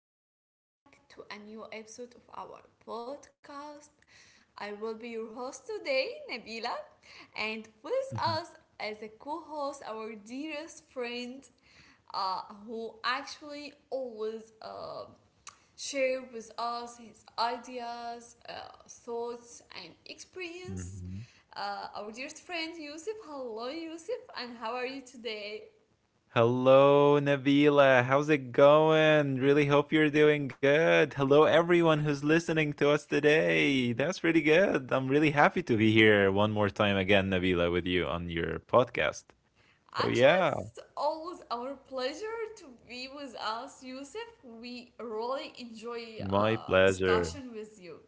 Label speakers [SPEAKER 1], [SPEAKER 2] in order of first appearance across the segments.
[SPEAKER 1] and welcome back to a new episode of our podcast. I will be your host today, Nabila, and with us
[SPEAKER 2] Mhm,
[SPEAKER 1] as a co host, our dearest friend, who actually always share with us his ideas, thoughts, and experience.
[SPEAKER 2] mhm.
[SPEAKER 1] Our dearest friend Yusuf. Hello, Yusuf, and how are you today?
[SPEAKER 2] Hello, Nabila. How's it going? Really hope you're doing good. Hello, everyone who's listening to us today. That's pretty good. I'm really happy to be here one more time again, Nabila, with you on your podcast. So,
[SPEAKER 1] Actually,
[SPEAKER 2] yeah,
[SPEAKER 1] it's always our pleasure to be with us, Yusuf. We really enjoy
[SPEAKER 2] my pleasure.
[SPEAKER 1] discussion with you.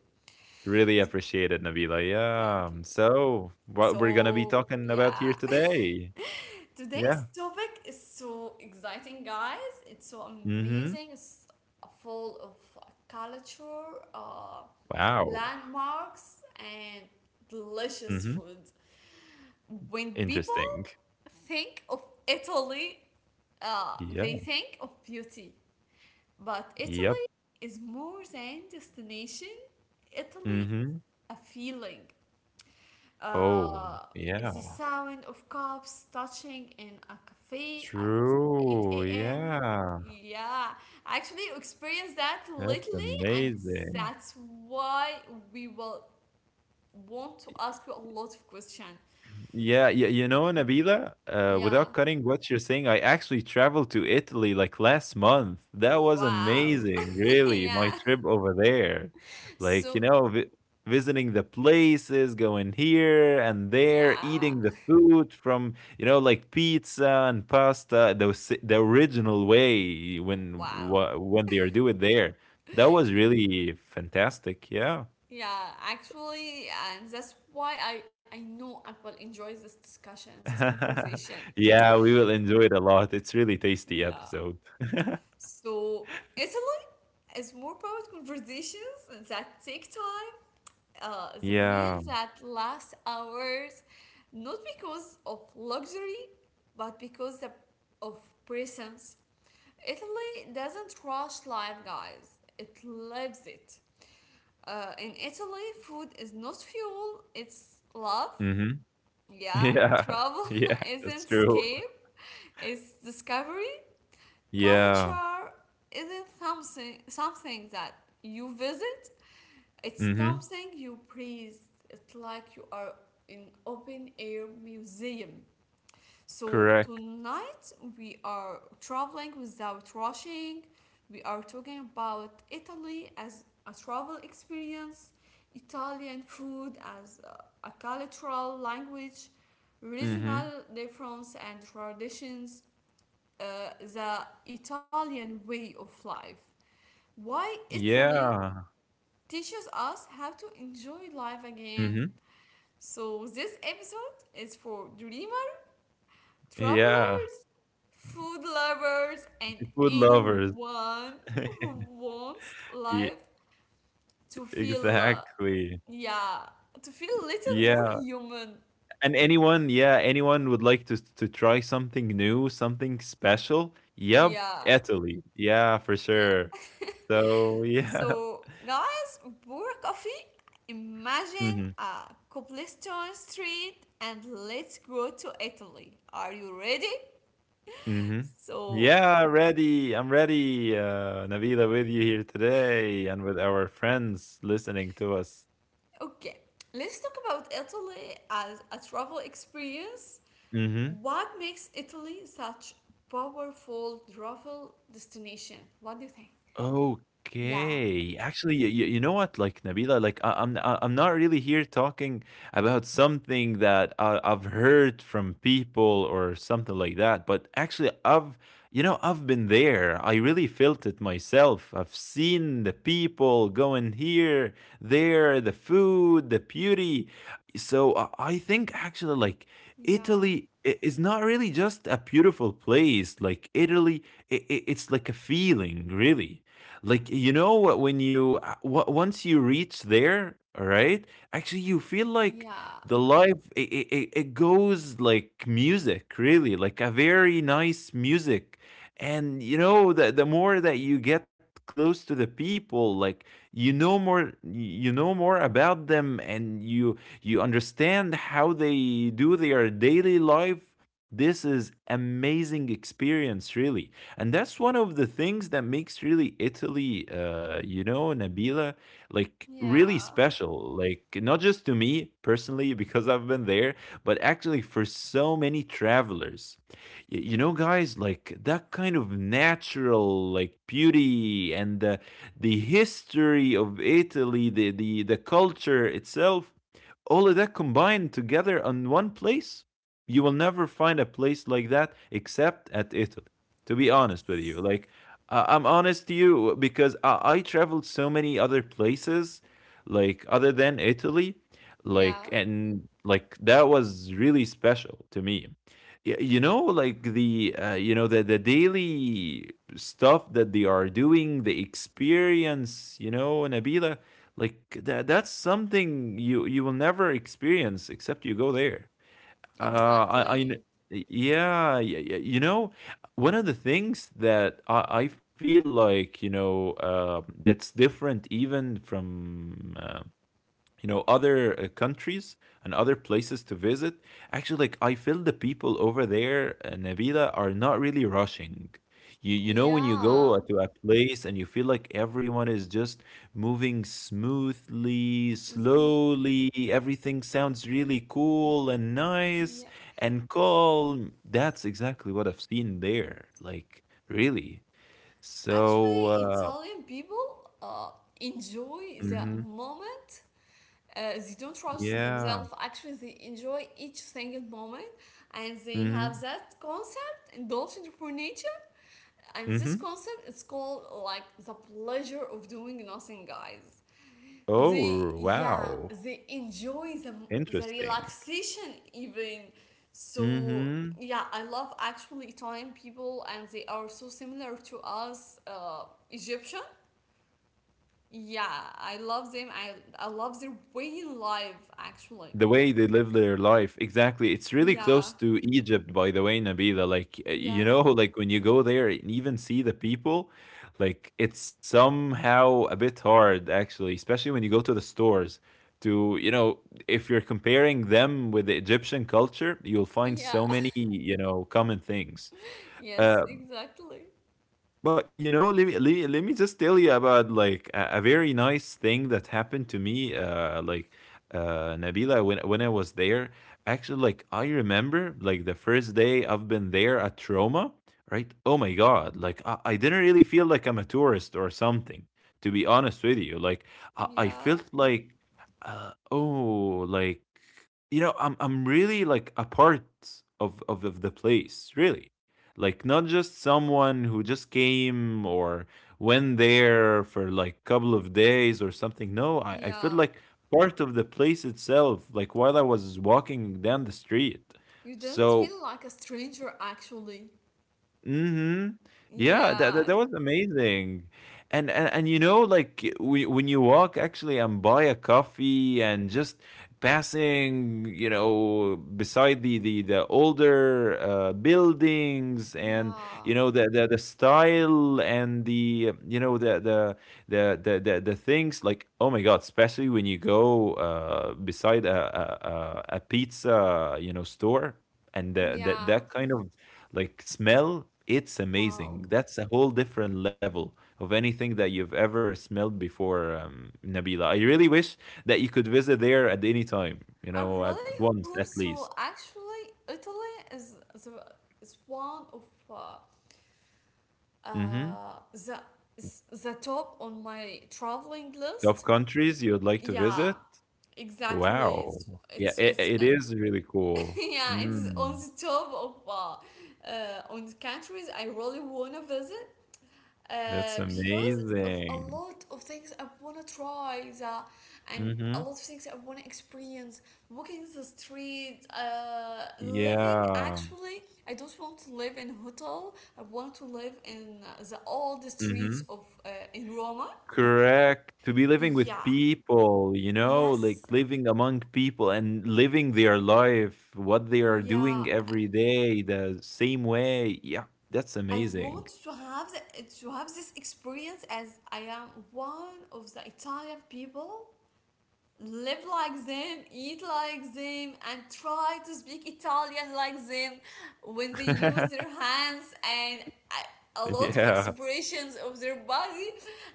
[SPEAKER 2] Really appreciate it, Nabila. Yeah.
[SPEAKER 1] Thank you.
[SPEAKER 2] So, what we're going to be
[SPEAKER 1] So,
[SPEAKER 2] talking about
[SPEAKER 1] yeah.
[SPEAKER 2] here today.
[SPEAKER 1] Today's
[SPEAKER 2] Yeah.
[SPEAKER 1] topic is so exciting, guys. It's so
[SPEAKER 2] Mm hmm.
[SPEAKER 1] amazing. It's full of culture,
[SPEAKER 2] Wow.
[SPEAKER 1] landmarks, and
[SPEAKER 2] Mm
[SPEAKER 1] delicious
[SPEAKER 2] hmm.
[SPEAKER 1] food. When people
[SPEAKER 2] Interesting.
[SPEAKER 1] think of Italy, they
[SPEAKER 2] Yeah.
[SPEAKER 1] think of beauty, but
[SPEAKER 2] Yep.
[SPEAKER 1] Italy is more than destination. Italy,
[SPEAKER 2] Mm-hmm.
[SPEAKER 1] a feeling.
[SPEAKER 2] Oh,
[SPEAKER 1] Uh, it's the
[SPEAKER 2] yeah.
[SPEAKER 1] sound of cups touching in a cafe at 8
[SPEAKER 2] True.
[SPEAKER 1] a.m.
[SPEAKER 2] Yeah.
[SPEAKER 1] Yeah, I actually experienced that
[SPEAKER 2] That's
[SPEAKER 1] lately, and
[SPEAKER 2] amazing.
[SPEAKER 1] that's why we will want to ask you a lot of questions.
[SPEAKER 2] Yeah, yeah, you know, Nabila, without
[SPEAKER 1] Yeah.
[SPEAKER 2] cutting what you're saying, I actually traveled to Italy like last month. That was
[SPEAKER 1] Wow.
[SPEAKER 2] amazing, really, my
[SPEAKER 1] Yeah.
[SPEAKER 2] trip over there. Like, you
[SPEAKER 1] So,
[SPEAKER 2] know, vi visiting the places, going here and there,
[SPEAKER 1] yeah.
[SPEAKER 2] eating the food from, you know, like pizza and pasta, the original way
[SPEAKER 1] Wow.
[SPEAKER 2] when they are do it there. That was really fantastic. Yeah.
[SPEAKER 1] Yeah, actually, and that's why I know Akbal enjoys this discussion, this conversation.
[SPEAKER 2] Yeah, we will enjoy it a lot. It's really tasty
[SPEAKER 1] Yeah.
[SPEAKER 2] episode.
[SPEAKER 1] So, Italy is more about conversations that take time, the
[SPEAKER 2] Yeah.
[SPEAKER 1] meals that last hours, not because of luxury, but because of presence. Italy doesn't rush life, guys, it lives it. In Italy, food is not fuel, it's love.
[SPEAKER 2] Hmm.
[SPEAKER 1] Yeah,
[SPEAKER 2] Yeah.
[SPEAKER 1] travel
[SPEAKER 2] Yeah,
[SPEAKER 1] isn't
[SPEAKER 2] that's true.
[SPEAKER 1] escape, it's discovery.
[SPEAKER 2] Yeah.
[SPEAKER 1] Culture isn't something that you visit, it's
[SPEAKER 2] Hmm.
[SPEAKER 1] something you breathe. It's like you are in open air museum. So
[SPEAKER 2] Correct.
[SPEAKER 1] tonight we are traveling without rushing. We are talking about Italy as a travel experience, Italian food as a cultural language,
[SPEAKER 2] Hmm.
[SPEAKER 1] regional difference and traditions, uh, the Italian way of life. Why Italy
[SPEAKER 2] Yeah.
[SPEAKER 1] teaches us how to enjoy life again.
[SPEAKER 2] Hmm.
[SPEAKER 1] So this episode is for dreamers,
[SPEAKER 2] Yeah.
[SPEAKER 1] travelers, food lovers, and
[SPEAKER 2] Food lovers.
[SPEAKER 1] anyone who wants
[SPEAKER 2] Yeah,
[SPEAKER 1] life to feel,
[SPEAKER 2] exactly.
[SPEAKER 1] yeah, to feel a little more
[SPEAKER 2] Yeah.
[SPEAKER 1] human.
[SPEAKER 2] And anyone, yeah, anyone would like to try something new, something special? Yep,
[SPEAKER 1] Yeah,
[SPEAKER 2] Italy. Yeah, for
[SPEAKER 1] yeah.
[SPEAKER 2] sure. So, yeah.
[SPEAKER 1] So, guys, Bora Coffee, imagine
[SPEAKER 2] Hmm.
[SPEAKER 1] a cobblestone street and let's go to Italy. Are you ready?
[SPEAKER 2] Mhm.
[SPEAKER 1] So,
[SPEAKER 2] Yeah, ready. I'm ready. Nabila with you here today and with our friends listening to us.
[SPEAKER 1] okay, let's talk about Italy as a travel experience.
[SPEAKER 2] Mm-hmm.
[SPEAKER 1] What makes Italy such powerful travel destination? What do you think? Yeah.
[SPEAKER 2] Okay. Actually, you know what, like, Nabila, like, I'm not really here talking about something that I've heard from people or something like that, but actually I've, you know, I've been there. I really felt it myself. I've seen the people going here, there, the food, the beauty. So I think actually like
[SPEAKER 1] Yeah,
[SPEAKER 2] Italy is not really just a beautiful place. Like Italy, it's like a feeling, really. Like, you know what, when you once you reach there, all right, actually you feel like
[SPEAKER 1] yeah,
[SPEAKER 2] the life, it goes like music, really, like a very nice music. And you know, the more that you get close to the people, like, you know more, you know more about them, and you understand how they do their daily life. This is amazing experience, really. And that's one of the things that makes really Italy, you know, Nabila, like really
[SPEAKER 1] yeah,
[SPEAKER 2] special. Like, not just to me personally because I've been there, but actually for so many travelers. You know, guys, like that kind of natural like beauty and the history of Italy, the culture itself, all of that combined together on one place. You will never find a place like that except at Italy, to be honest with you.
[SPEAKER 1] yes,
[SPEAKER 2] Like, I'm honest to you because I traveled so many other places, like, other than Italy. Like,
[SPEAKER 1] yeah,
[SPEAKER 2] and like, that was really special to me. You know, like the you know, the daily stuff that they are doing, the experience, you know, Nabila, like that's something you will never experience except you go there. I
[SPEAKER 1] exactly.
[SPEAKER 2] kn yeah, yeah, yeah, you know, one of the things that I feel like, you know, that's different even from, you know, other countries and other places to visit, actually, like I feel the people over there, Nabila, are not really rushing. You know, when you go
[SPEAKER 1] Yeah,
[SPEAKER 2] to a place and you feel like everyone is just moving smoothly,
[SPEAKER 1] the
[SPEAKER 2] slowly, everything sounds really cool and nice
[SPEAKER 1] yeah.
[SPEAKER 2] and calm, that's exactly what I've seen there, like, really.
[SPEAKER 1] Actually,
[SPEAKER 2] So
[SPEAKER 1] Italian people enjoy the
[SPEAKER 2] mhm,
[SPEAKER 1] moment, they don't trust
[SPEAKER 2] yeah.
[SPEAKER 1] themselves. Actually they enjoy each single moment, and they have
[SPEAKER 2] Hmm.
[SPEAKER 1] that concept indulgent for nature, and this
[SPEAKER 2] Hmm.
[SPEAKER 1] concept is called like the pleasure of doing nothing, guys. They
[SPEAKER 2] Oh,
[SPEAKER 1] Yeah,
[SPEAKER 2] wow.
[SPEAKER 1] they enjoy the
[SPEAKER 2] Interesting.
[SPEAKER 1] relaxation even. So
[SPEAKER 2] Mhm.
[SPEAKER 1] yeah, I love actually Italian people, and they are so similar to us, Egyptian. Yeah, I love them. I love their way in life actually.
[SPEAKER 2] The way they live their life. Exactly. It's really close
[SPEAKER 1] Yeah,
[SPEAKER 2] to Egypt, by the way, Nabila. Like, you
[SPEAKER 1] yeah,
[SPEAKER 2] know, like when you go there and even see the people, like it's somehow a bit hard, actually, especially when you go to the stores. To, you know, if you're comparing them with the Egyptian culture, you'll find
[SPEAKER 1] yeah.
[SPEAKER 2] so many, you know, common things.
[SPEAKER 1] Yes,
[SPEAKER 2] Uh.
[SPEAKER 1] exactly.
[SPEAKER 2] But you know, let me just tell you about like a very nice thing that happened to me. Nabila, when I was there, actually, like I remember, like the first day I've been there at Roma, right? Oh my God! Like I didn't really feel like I'm a tourist or something. To be honest with you, like I
[SPEAKER 1] Yeah,
[SPEAKER 2] felt like, oh, like, you know, I'm really like a part of the place, really. Like, not just someone who just came or went there for like couple of days or something. No, I feel
[SPEAKER 1] yeah.
[SPEAKER 2] like part of the place itself. Like, while I was walking down the street,
[SPEAKER 1] You doesn't
[SPEAKER 2] so,
[SPEAKER 1] feel like a stranger actually.
[SPEAKER 2] Mhm. Yeah,
[SPEAKER 1] Yeah,
[SPEAKER 2] that was amazing. You know, like, eh, we when you walk actually and buy a coffee and just passing, you know, beside the older, buildings and, you
[SPEAKER 1] yeah,
[SPEAKER 2] know, the style and the, you know, the things, like, oh my God, especially when you go, beside a pizza, you know, store and the that
[SPEAKER 1] yeah.
[SPEAKER 2] kind of like smell, it's amazing.
[SPEAKER 1] Wow.
[SPEAKER 2] That's a whole different level of anything that you've ever smelled before. Nabila, I really wish that you could visit there at any time, you know,
[SPEAKER 1] I
[SPEAKER 2] at
[SPEAKER 1] really
[SPEAKER 2] once
[SPEAKER 1] hope
[SPEAKER 2] at
[SPEAKER 1] so.
[SPEAKER 2] least.
[SPEAKER 1] Actually, Italy is the is one of
[SPEAKER 2] Hmm.
[SPEAKER 1] the is the top on my traveling
[SPEAKER 2] Top
[SPEAKER 1] list.
[SPEAKER 2] countries you would like to
[SPEAKER 1] Yeah,
[SPEAKER 2] visit.
[SPEAKER 1] exactly.
[SPEAKER 2] Wow. Yeah,
[SPEAKER 1] It's
[SPEAKER 2] it is really cool.
[SPEAKER 1] Yeah, it's on
[SPEAKER 2] Mm,
[SPEAKER 1] the top of on the countries I really wanna visit,
[SPEAKER 2] that's
[SPEAKER 1] because of a
[SPEAKER 2] amazing.
[SPEAKER 1] lot of things I wanna try that, and a
[SPEAKER 2] Hmm.
[SPEAKER 1] lot of things I wanna experience. Walking the street, living
[SPEAKER 2] Yeah.
[SPEAKER 1] actually. I don't want to live in hotel. I want to live in the old streets
[SPEAKER 2] Hmm.
[SPEAKER 1] of in Roma.
[SPEAKER 2] Correct. To be living with
[SPEAKER 1] Yeah.
[SPEAKER 2] people, you know, like
[SPEAKER 1] Yes.
[SPEAKER 2] living among people and living their life, what they are
[SPEAKER 1] Yeah.
[SPEAKER 2] doing every day, the same way. Yeah, that's
[SPEAKER 1] I want
[SPEAKER 2] amazing.
[SPEAKER 1] to have to have this experience as I am one of the Italian people. Live like them, eat like them, and try to speak Italian like them when they use their hands and a lot of
[SPEAKER 2] Yeah.
[SPEAKER 1] expressions of their body.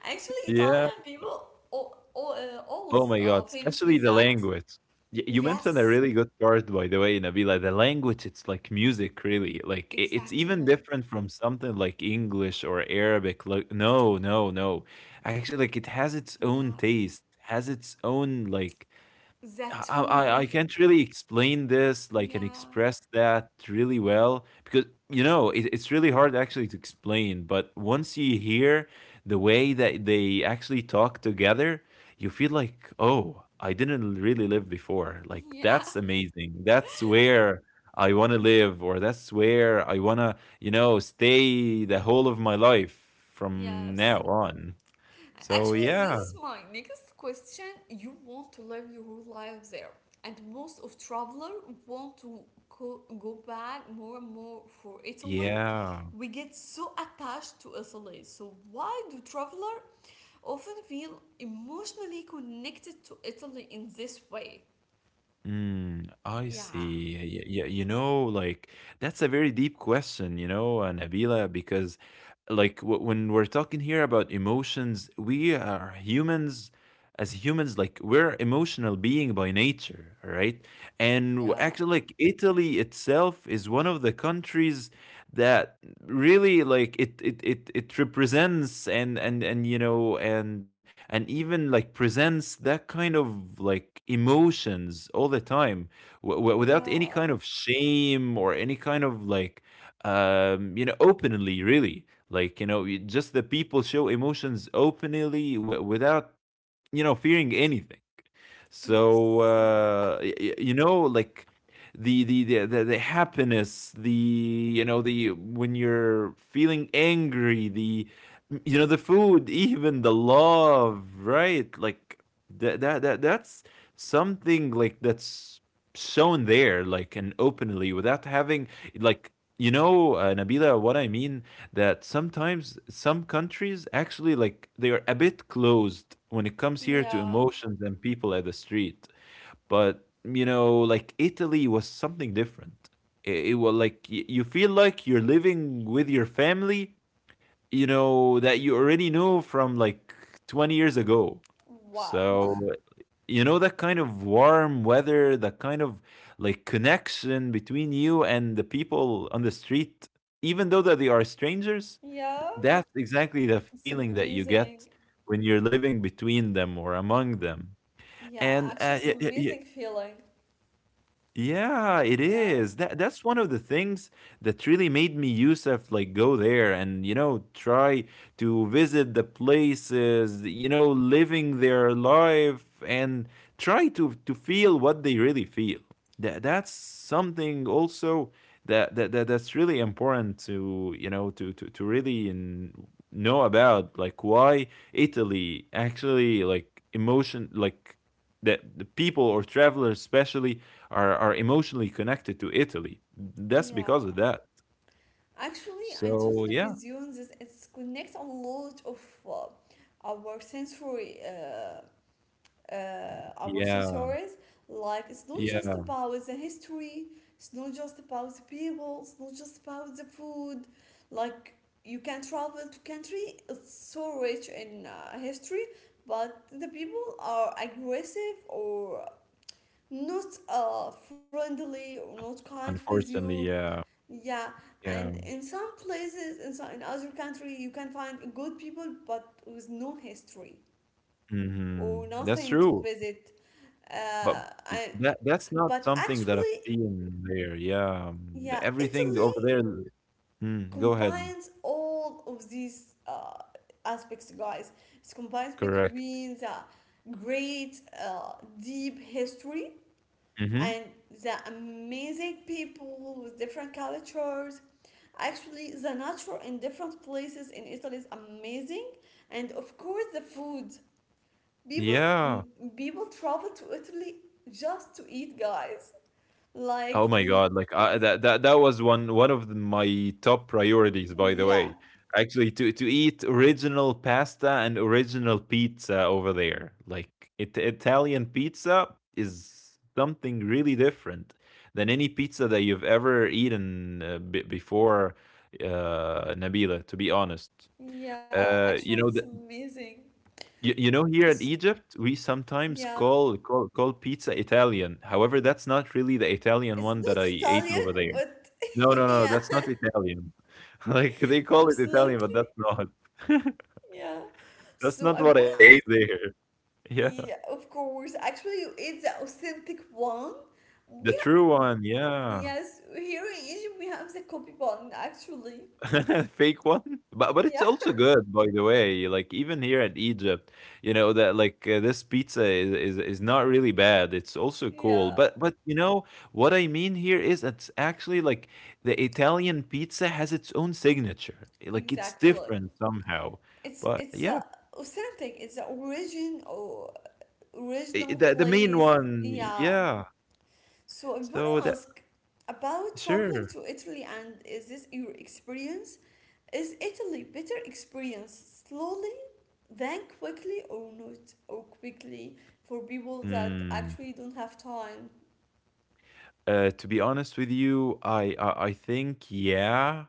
[SPEAKER 1] Actually,
[SPEAKER 2] Yeah.
[SPEAKER 1] Italian people
[SPEAKER 2] Oh my
[SPEAKER 1] always
[SPEAKER 2] God, especially
[SPEAKER 1] famous
[SPEAKER 2] the
[SPEAKER 1] with that.
[SPEAKER 2] language. Y You mentioned a really
[SPEAKER 1] Yes,
[SPEAKER 2] good part, by the way, Nabila. The language, it's like music, really. Like, I it's even
[SPEAKER 1] exactly.
[SPEAKER 2] different from something like English or Arabic. Like, no, no, no. Actually, like it has its own
[SPEAKER 1] Yeah.
[SPEAKER 2] taste, has its own like, I
[SPEAKER 1] Zatun.
[SPEAKER 2] can't really explain this, like, and
[SPEAKER 1] Yeah.
[SPEAKER 2] express that really well because, you know, it's really hard actually to explain. But once you hear the way that they actually talk together, you feel like, oh, I didn't really live before. Like, that's amazing. That's where I want to live, or that's where I want to, you know, stay the whole of my life
[SPEAKER 1] Yeah.
[SPEAKER 2] from
[SPEAKER 1] Yes.
[SPEAKER 2] now on. So,
[SPEAKER 1] Actually,
[SPEAKER 2] yeah.
[SPEAKER 1] this is my next question. You want to live your whole life there, and most of traveler want to go back more and more for Italy.
[SPEAKER 2] Yeah.
[SPEAKER 1] We get so attached to Italy. So why do traveler often feel emotionally connected to Italy in this way?
[SPEAKER 2] Mm, I
[SPEAKER 1] Yeah,
[SPEAKER 2] see. You know, like, that's a very deep question, you know, Nabila, because like, w when we're talking here about emotions, we are humans, as humans, like we're emotional being by nature, right? And
[SPEAKER 1] yeah,
[SPEAKER 2] actually, like Italy itself is one of the countries that really like it represents and you know, and even like presents that kind of like emotions all the time, without any
[SPEAKER 1] yeah,
[SPEAKER 2] kind of shame or any kind of like, you know, openly, really, like, you know, just the people show emotions openly without, you know, fearing anything.
[SPEAKER 1] yes,
[SPEAKER 2] So you know, like the happiness, the you know, the when you're feeling angry, the you know, the food, even the love, right? Like that's something like that's shown there, like, and openly without having like, you know, Nabila, what I mean, that sometimes some countries actually like they are a bit closed when it comes here to
[SPEAKER 1] yeah.
[SPEAKER 2] emotions and people at the street. But you know, like Italy was something different. It was like you feel like you're living with your family, you know, that you already know from like 20 years ago.
[SPEAKER 1] Wow.
[SPEAKER 2] So, you know, that kind of warm weather, that kind of like connection between you and the people on the street, even though that they are strangers,
[SPEAKER 1] Yeah,
[SPEAKER 2] that's exactly the
[SPEAKER 1] it's
[SPEAKER 2] feeling that you get
[SPEAKER 1] amazing.
[SPEAKER 2] when you're living between them or among them. And,
[SPEAKER 1] Yeah, actually,
[SPEAKER 2] y
[SPEAKER 1] it's
[SPEAKER 2] y y
[SPEAKER 1] amazing feeling.
[SPEAKER 2] yeah, it
[SPEAKER 1] Yeah,
[SPEAKER 2] is. That's one of the things that really made me Yusuf like go there and you know try to visit the places, you know, living their life and try to feel what they really feel. That that's something also that that's really important to, you know, to really know about like why Italy actually like emotion, like that the people or travelers especially are emotionally connected to Italy. That's
[SPEAKER 1] yeah.
[SPEAKER 2] because of that.
[SPEAKER 1] Actually, I
[SPEAKER 2] So
[SPEAKER 1] totally
[SPEAKER 2] yeah,
[SPEAKER 1] with you on this. It's connect a lot of uh, our sensory, uh, our
[SPEAKER 2] yeah,
[SPEAKER 1] sensories. Like it's not just
[SPEAKER 2] yeah.
[SPEAKER 1] about the history. It's not just about the people. It's not just about the food. Like you can travel to country. It's so rich in history, but the people are aggressive or not friendly or not kind with you.
[SPEAKER 2] Unfortunately, yeah,
[SPEAKER 1] Yeah, and
[SPEAKER 2] yeah.
[SPEAKER 1] in some places, in other country, you can find good people but with no history
[SPEAKER 2] Hmm.
[SPEAKER 1] or
[SPEAKER 2] That's
[SPEAKER 1] nothing to
[SPEAKER 2] true.
[SPEAKER 1] visit.
[SPEAKER 2] But
[SPEAKER 1] Uh, I,
[SPEAKER 2] that that's not
[SPEAKER 1] but
[SPEAKER 2] something that I've
[SPEAKER 1] actually,
[SPEAKER 2] seen there. Yeah,
[SPEAKER 1] yeah,
[SPEAKER 2] everything
[SPEAKER 1] Italy
[SPEAKER 2] over there. Mm, go ahead.
[SPEAKER 1] combines all of these aspects, guys. It combines
[SPEAKER 2] Correct.
[SPEAKER 1] between the great, deep history
[SPEAKER 2] Hmm.
[SPEAKER 1] and the amazing people with different cultures. Actually, the nature in different places in Italy is amazing, and of course, the food. People
[SPEAKER 2] Yeah.
[SPEAKER 1] people travel to Italy just to eat, guys.
[SPEAKER 2] Oh
[SPEAKER 1] Like,
[SPEAKER 2] my god, like I that that was one of the, my top priorities by the
[SPEAKER 1] yeah,
[SPEAKER 2] way. Actually to eat original pasta and original pizza over there. Like Italian pizza is something really different than any pizza that you've ever eaten before, Nabila, to be honest.
[SPEAKER 1] yeah.
[SPEAKER 2] You
[SPEAKER 1] Actually,
[SPEAKER 2] know
[SPEAKER 1] it's amazing.
[SPEAKER 2] you know here in
[SPEAKER 1] It's,
[SPEAKER 2] Egypt we sometimes
[SPEAKER 1] yeah,
[SPEAKER 2] call call call pizza Italian. However, that's not really the Italian
[SPEAKER 1] it's
[SPEAKER 2] one that
[SPEAKER 1] not
[SPEAKER 2] I ate
[SPEAKER 1] Italian,
[SPEAKER 2] over there.
[SPEAKER 1] but
[SPEAKER 2] No, no, no,
[SPEAKER 1] yeah,
[SPEAKER 2] that's not Italian. Like, they call it Italian, but
[SPEAKER 1] absolutely,
[SPEAKER 2] that's not.
[SPEAKER 1] yeah.
[SPEAKER 2] That's
[SPEAKER 1] So
[SPEAKER 2] not
[SPEAKER 1] I
[SPEAKER 2] what I
[SPEAKER 1] want to.
[SPEAKER 2] ate there. Yeah.
[SPEAKER 1] Yeah, of course. Actually, it's the authentic one.
[SPEAKER 2] The
[SPEAKER 1] We
[SPEAKER 2] true
[SPEAKER 1] ha-
[SPEAKER 2] one, yeah.
[SPEAKER 1] yes, here in Egypt we have the copy one actually.
[SPEAKER 2] Fake one? But it's
[SPEAKER 1] Yeah,
[SPEAKER 2] also good, by the way. Like, even here at Egypt, you know, that like this pizza is not really bad. It's also cool.
[SPEAKER 1] yeah,
[SPEAKER 2] But what I mean here is it's actually like the Italian pizza has its own signature. Like it's
[SPEAKER 1] exactly.
[SPEAKER 2] different somehow.
[SPEAKER 1] It's
[SPEAKER 2] But
[SPEAKER 1] it's
[SPEAKER 2] yeah,
[SPEAKER 1] authentic. It's the origin or
[SPEAKER 2] I
[SPEAKER 1] original
[SPEAKER 2] the main
[SPEAKER 1] place.
[SPEAKER 2] one,
[SPEAKER 1] Yeah.
[SPEAKER 2] yeah.
[SPEAKER 1] So I
[SPEAKER 2] So
[SPEAKER 1] wanna
[SPEAKER 2] that
[SPEAKER 1] ask about traveling
[SPEAKER 2] sure.
[SPEAKER 1] to Italy and is this your experience? Is Italy better experience slowly then quickly, or not, or quickly for people that
[SPEAKER 2] Mm.
[SPEAKER 1] actually don't have time.
[SPEAKER 2] To be honest with you, I think yeah,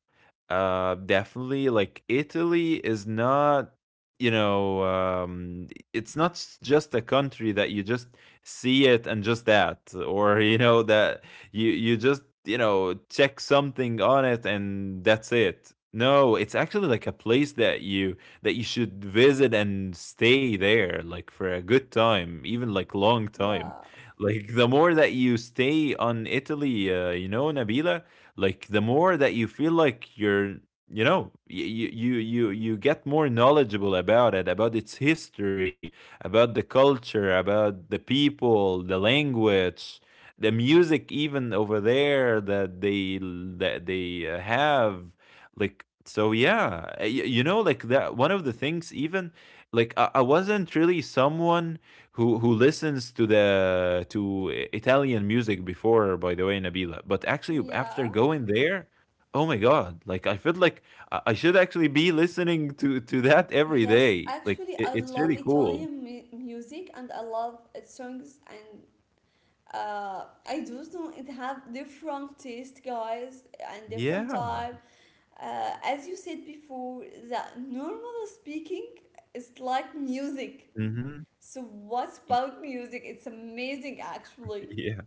[SPEAKER 2] definitely. Like Italy is not, it's not just a country that you just see it and just that, or you know that you just you know check something on it and that's it. No, it's actually like a place that you should visit and stay there like for a good time, even like long time.
[SPEAKER 1] Yeah,
[SPEAKER 2] Like the more that you stay on Italy, you know, Nabila, like the more that you feel like you're, you know, you get more knowledgeable about it, about its history, about the culture, about the people, the language, the music, even over there that they have, like. So yeah, you know, like that. One of the things, even like I wasn't really someone who listens to Italian music before, by the way, Nabila. But actually, after
[SPEAKER 1] yeah.
[SPEAKER 2] going there, oh my god, like I feel like I should actually be listening to that every
[SPEAKER 1] Yes,
[SPEAKER 2] day. Like
[SPEAKER 1] actually, I
[SPEAKER 2] it's
[SPEAKER 1] love
[SPEAKER 2] really cool.
[SPEAKER 1] Italian music, and I love its songs, and I do know it have different taste, guys, and different
[SPEAKER 2] Yeah.
[SPEAKER 1] type. As you said before, that normal speaking is like music.
[SPEAKER 2] Mm-hmm.
[SPEAKER 1] So what's about music? It's amazing, actually.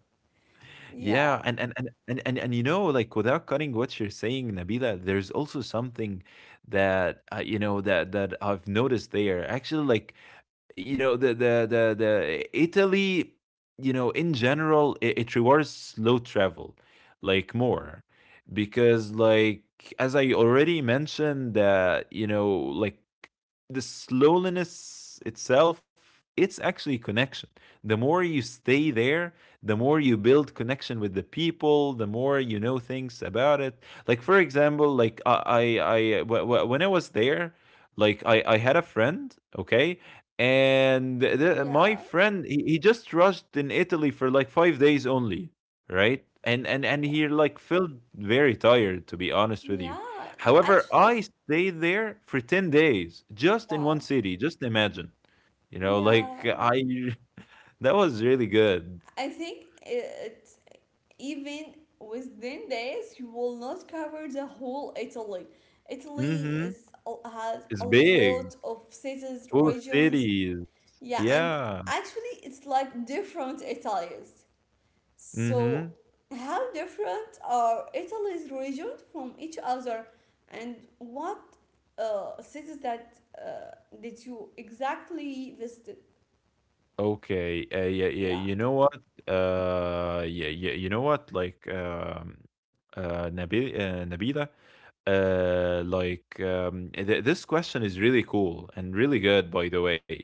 [SPEAKER 1] Yeah,
[SPEAKER 2] Yeah, and you know, like without cutting what you're saying, Nabila, there's also something that that I've noticed there. Actually, like you know, the Italy, you know, in general, it rewards slow travel, like more, because like as I already mentioned, that you know, like the slowness itself it's actually connection. The more you stay there, the more you build connection with the people, the more you know things about it. Like for example, like I when I was there, like I had a friend, okay, and my
[SPEAKER 1] yeah.
[SPEAKER 2] friend, he just rushed in Italy for like 5 days only, right? And he like felt very tired, to be honest with you.
[SPEAKER 1] Yeah,
[SPEAKER 2] However,
[SPEAKER 1] actually,
[SPEAKER 2] I stayed there for 10 days, just in one
[SPEAKER 1] wow.
[SPEAKER 2] city. Just imagine. You know, like
[SPEAKER 1] Yeah,
[SPEAKER 2] I that was really good.
[SPEAKER 1] I think it's even within this, you will not cover the whole Italy. Italy
[SPEAKER 2] Mhm.
[SPEAKER 1] is has
[SPEAKER 2] It's
[SPEAKER 1] a
[SPEAKER 2] big,
[SPEAKER 1] lot of cities,
[SPEAKER 2] full of
[SPEAKER 1] regions.
[SPEAKER 2] cities.
[SPEAKER 1] Yeah, and
[SPEAKER 2] Yeah.
[SPEAKER 1] actually, it's like different Italians. So,
[SPEAKER 2] Mhm.
[SPEAKER 1] how different are Italy's regions from each other, and what cities that did you exactly visit?
[SPEAKER 2] Okay.
[SPEAKER 1] Yeah,
[SPEAKER 2] Yeah, yeah, you know what? Like Nabila, like this question is really cool and really good, by the way.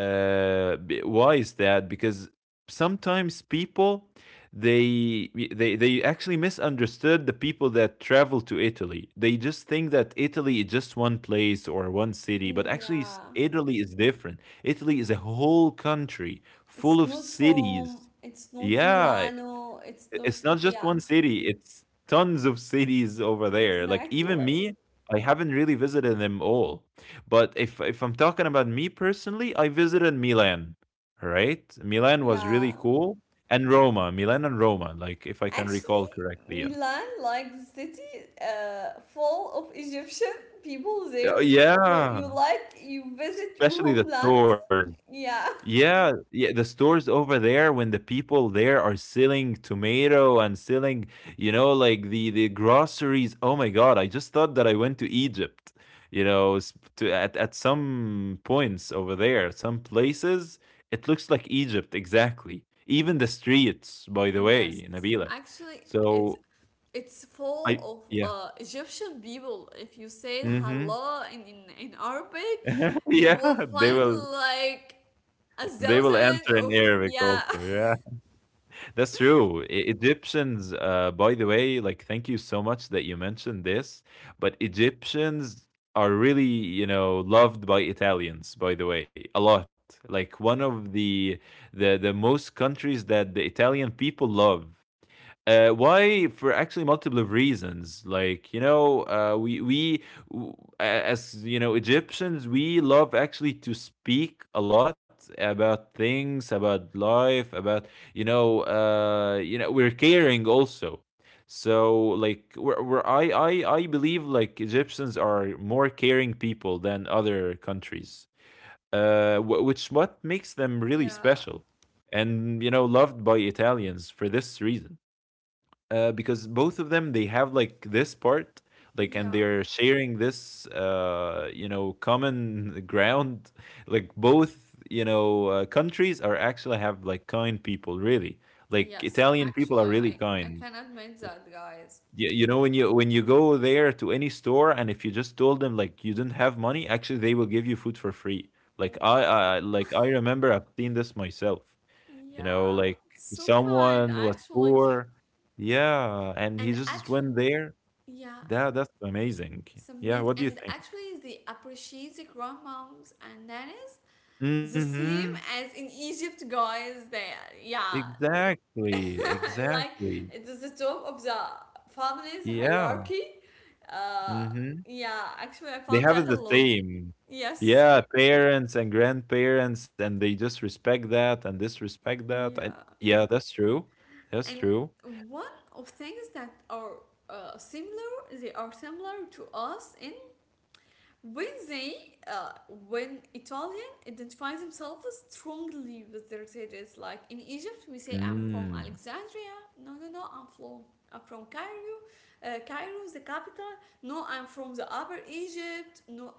[SPEAKER 2] Why is that? Because sometimes people they they actually misunderstood the people that travel to Italy. They just think that Italy is just one place or one city, but actually
[SPEAKER 1] yeah.
[SPEAKER 2] Italy is different. Italy is a whole country full
[SPEAKER 1] It's
[SPEAKER 2] of
[SPEAKER 1] not
[SPEAKER 2] cities.
[SPEAKER 1] Rome, it's not
[SPEAKER 2] Yeah,
[SPEAKER 1] Milano, it's
[SPEAKER 2] I
[SPEAKER 1] not.
[SPEAKER 2] it's not just
[SPEAKER 1] Yeah,
[SPEAKER 2] one city, it's tons of cities over there. Like, even
[SPEAKER 1] exactly.
[SPEAKER 2] me, I haven't really visited them all. But if I'm talking about me personally, I visited Milan, right? Milan was really
[SPEAKER 1] Yeah.
[SPEAKER 2] cool, and Roma. Milan and Roma, like, if I can recall
[SPEAKER 1] Actually,
[SPEAKER 2] correctly, yeah.
[SPEAKER 1] Milan, like the city full of Egyptian people there.
[SPEAKER 2] Oh,
[SPEAKER 1] So you
[SPEAKER 2] yeah,
[SPEAKER 1] like, you visit your
[SPEAKER 2] especially the
[SPEAKER 1] homeland.
[SPEAKER 2] stores.
[SPEAKER 1] Yeah.
[SPEAKER 2] Yeah, yeah, the stores over there when the people there are selling tomato and selling, you know, like the groceries. Oh my God, I just thought that I went to Egypt, you know, at some points over there, some places, it looks like Egypt exactly. Even the streets, by the way,
[SPEAKER 1] Yes,
[SPEAKER 2] Nabila.
[SPEAKER 1] actually, it's
[SPEAKER 2] So
[SPEAKER 1] it's full
[SPEAKER 2] I
[SPEAKER 1] of
[SPEAKER 2] yeah.
[SPEAKER 1] Egyptian people. If you say
[SPEAKER 2] Mm-hmm.
[SPEAKER 1] hello in Arabic, you will
[SPEAKER 2] Yeah,
[SPEAKER 1] find like a
[SPEAKER 2] they will
[SPEAKER 1] thousand
[SPEAKER 2] answer in
[SPEAKER 1] of,
[SPEAKER 2] Arabic
[SPEAKER 1] yeah,
[SPEAKER 2] also. Yeah. That's true. Egyptians, by the way, like, thank you so much that you mentioned this. But Egyptians are really, you know, loved by Italians, by the way, a lot. Like one of the most countries that the Italian people love. Why? For actually multiple reasons. Like you know, w- a- as you know, Egyptians, we love actually to speak a lot about things, about life, about you know, we're caring also. So like, we're, I believe like Egyptians are more caring people than other countries. Which what makes them really
[SPEAKER 1] yeah,
[SPEAKER 2] special, and you know, loved by Italians for this reason. Because both of them they have like this part, like, and
[SPEAKER 1] yeah.
[SPEAKER 2] they're sharing this you know common ground. Like both you know countries are actually have like kind people, really. Like
[SPEAKER 1] Yes,
[SPEAKER 2] Italian people are
[SPEAKER 1] actually,
[SPEAKER 2] really
[SPEAKER 1] I
[SPEAKER 2] kind.
[SPEAKER 1] can admit that, guys.
[SPEAKER 2] You know when you go there to any store and if you just told them like you didn't have money, actually they will give you food for free. Like I,
[SPEAKER 1] Wow,
[SPEAKER 2] I like I remember I've seen this myself, you know,
[SPEAKER 1] yeah,
[SPEAKER 2] like if
[SPEAKER 1] so kind
[SPEAKER 2] someone was
[SPEAKER 1] actually.
[SPEAKER 2] poor. Yeah, and he
[SPEAKER 1] And
[SPEAKER 2] just
[SPEAKER 1] actually,
[SPEAKER 2] went there.
[SPEAKER 1] yeah,
[SPEAKER 2] That that's amazing.
[SPEAKER 1] some
[SPEAKER 2] Yeah,
[SPEAKER 1] amazing.
[SPEAKER 2] what do you
[SPEAKER 1] And
[SPEAKER 2] think?
[SPEAKER 1] actually, they appreciate the grandmoms and nannies the
[SPEAKER 2] Mm-hmm.
[SPEAKER 1] same as in Egypt, guys. There, yeah,
[SPEAKER 2] Exactly.
[SPEAKER 1] like
[SPEAKER 2] Exactly.
[SPEAKER 1] it is the top of the family's
[SPEAKER 2] Yeah.
[SPEAKER 1] hierarchy. Uh,
[SPEAKER 2] Mm-hmm.
[SPEAKER 1] yeah, actually, I
[SPEAKER 2] They
[SPEAKER 1] found
[SPEAKER 2] have it
[SPEAKER 1] that a
[SPEAKER 2] the
[SPEAKER 1] lot.
[SPEAKER 2] same.
[SPEAKER 1] Yes,
[SPEAKER 2] Yeah, parents and grandparents, and they just respect that and disrespect that. And
[SPEAKER 1] yeah.
[SPEAKER 2] yeah, that's true. That's
[SPEAKER 1] And
[SPEAKER 2] true.
[SPEAKER 1] one of things that are similar, they are similar to us. In When they, uh, when Italian identifies themselves strongly with their cities, like in Egypt, we say I'm from
[SPEAKER 2] Mm.
[SPEAKER 1] Alexandria. No, no, no, I'm from Cairo. Cairo is the capital. No, I'm from the Upper Egypt. No,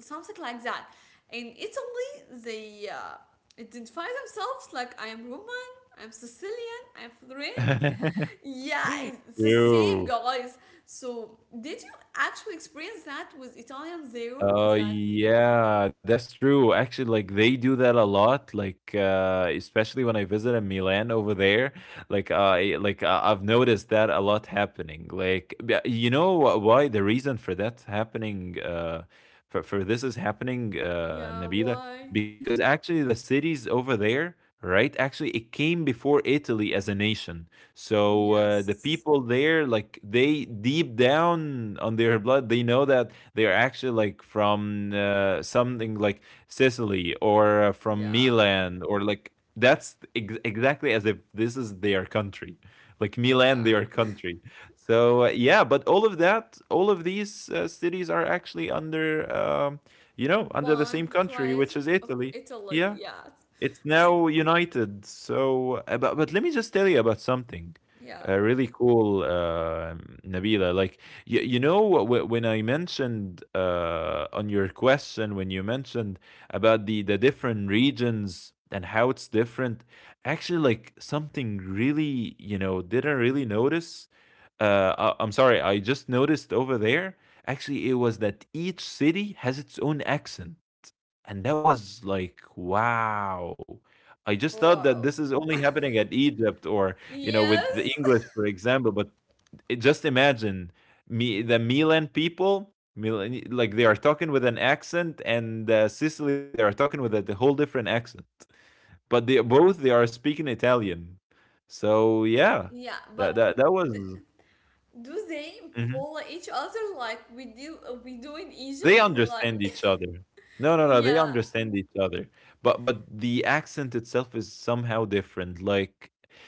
[SPEAKER 1] something like that. In Italy, they identify themselves like I am Roman, I'm Sicilian, I'm Florentine, yeah, it's the same,
[SPEAKER 2] True.
[SPEAKER 1] guys. So, did you actually experience that with Italians there?
[SPEAKER 2] Oh
[SPEAKER 1] That,
[SPEAKER 2] yeah, that's true. Actually, like they do that a lot. Like especially when I visited Milan over there, like I've noticed that a lot happening. Like you know why the reason for that happening, for this is happening,
[SPEAKER 1] yeah,
[SPEAKER 2] Nabila,
[SPEAKER 1] why?
[SPEAKER 2] because actually the cities over there, right? Actually, it came before Italy as a nation. So the
[SPEAKER 1] Yes.
[SPEAKER 2] people there, like they deep down on their blood, they know that they are actually like from something like Sicily or from
[SPEAKER 1] Yeah,
[SPEAKER 2] Milan, or like that's exactly as if this is their country, like Milan, their
[SPEAKER 1] yeah.
[SPEAKER 2] country. So yeah, but all of that, all of these cities are actually under, you know, under the same
[SPEAKER 1] One
[SPEAKER 2] country,
[SPEAKER 1] pledge
[SPEAKER 2] which is
[SPEAKER 1] of
[SPEAKER 2] Italy.
[SPEAKER 1] Italy.
[SPEAKER 2] Yeah.
[SPEAKER 1] Yes.
[SPEAKER 2] It's now united. So, but let me just tell you about something
[SPEAKER 1] Yeah.
[SPEAKER 2] really cool, Nabila. Like you know, when I mentioned on your question, when you mentioned about the different regions and how it's different, actually, like something really, you know, didn't really notice am sorry, I just noticed over there. Actually, it was that each city has its own accent, and that was like, wow. I just thought that
[SPEAKER 1] Wow.
[SPEAKER 2] this is only happening at Egypt or you know with the
[SPEAKER 1] Yes.
[SPEAKER 2] English, for example. But just imagine me the Milan people. Milan, like they are talking with an accent, and Sicily they are talking with a whole different accent, but they both they are speaking Italian. So yeah,
[SPEAKER 1] Yeah,
[SPEAKER 2] that
[SPEAKER 1] but
[SPEAKER 2] that that
[SPEAKER 1] th-
[SPEAKER 2] was.
[SPEAKER 1] do they
[SPEAKER 2] Mm-hmm.
[SPEAKER 1] pull each other like we do in Egypt?
[SPEAKER 2] They
[SPEAKER 1] Like,
[SPEAKER 2] understand each other. No, no, no. They
[SPEAKER 1] yeah,
[SPEAKER 2] understand each other. But the accent itself is somehow different. Like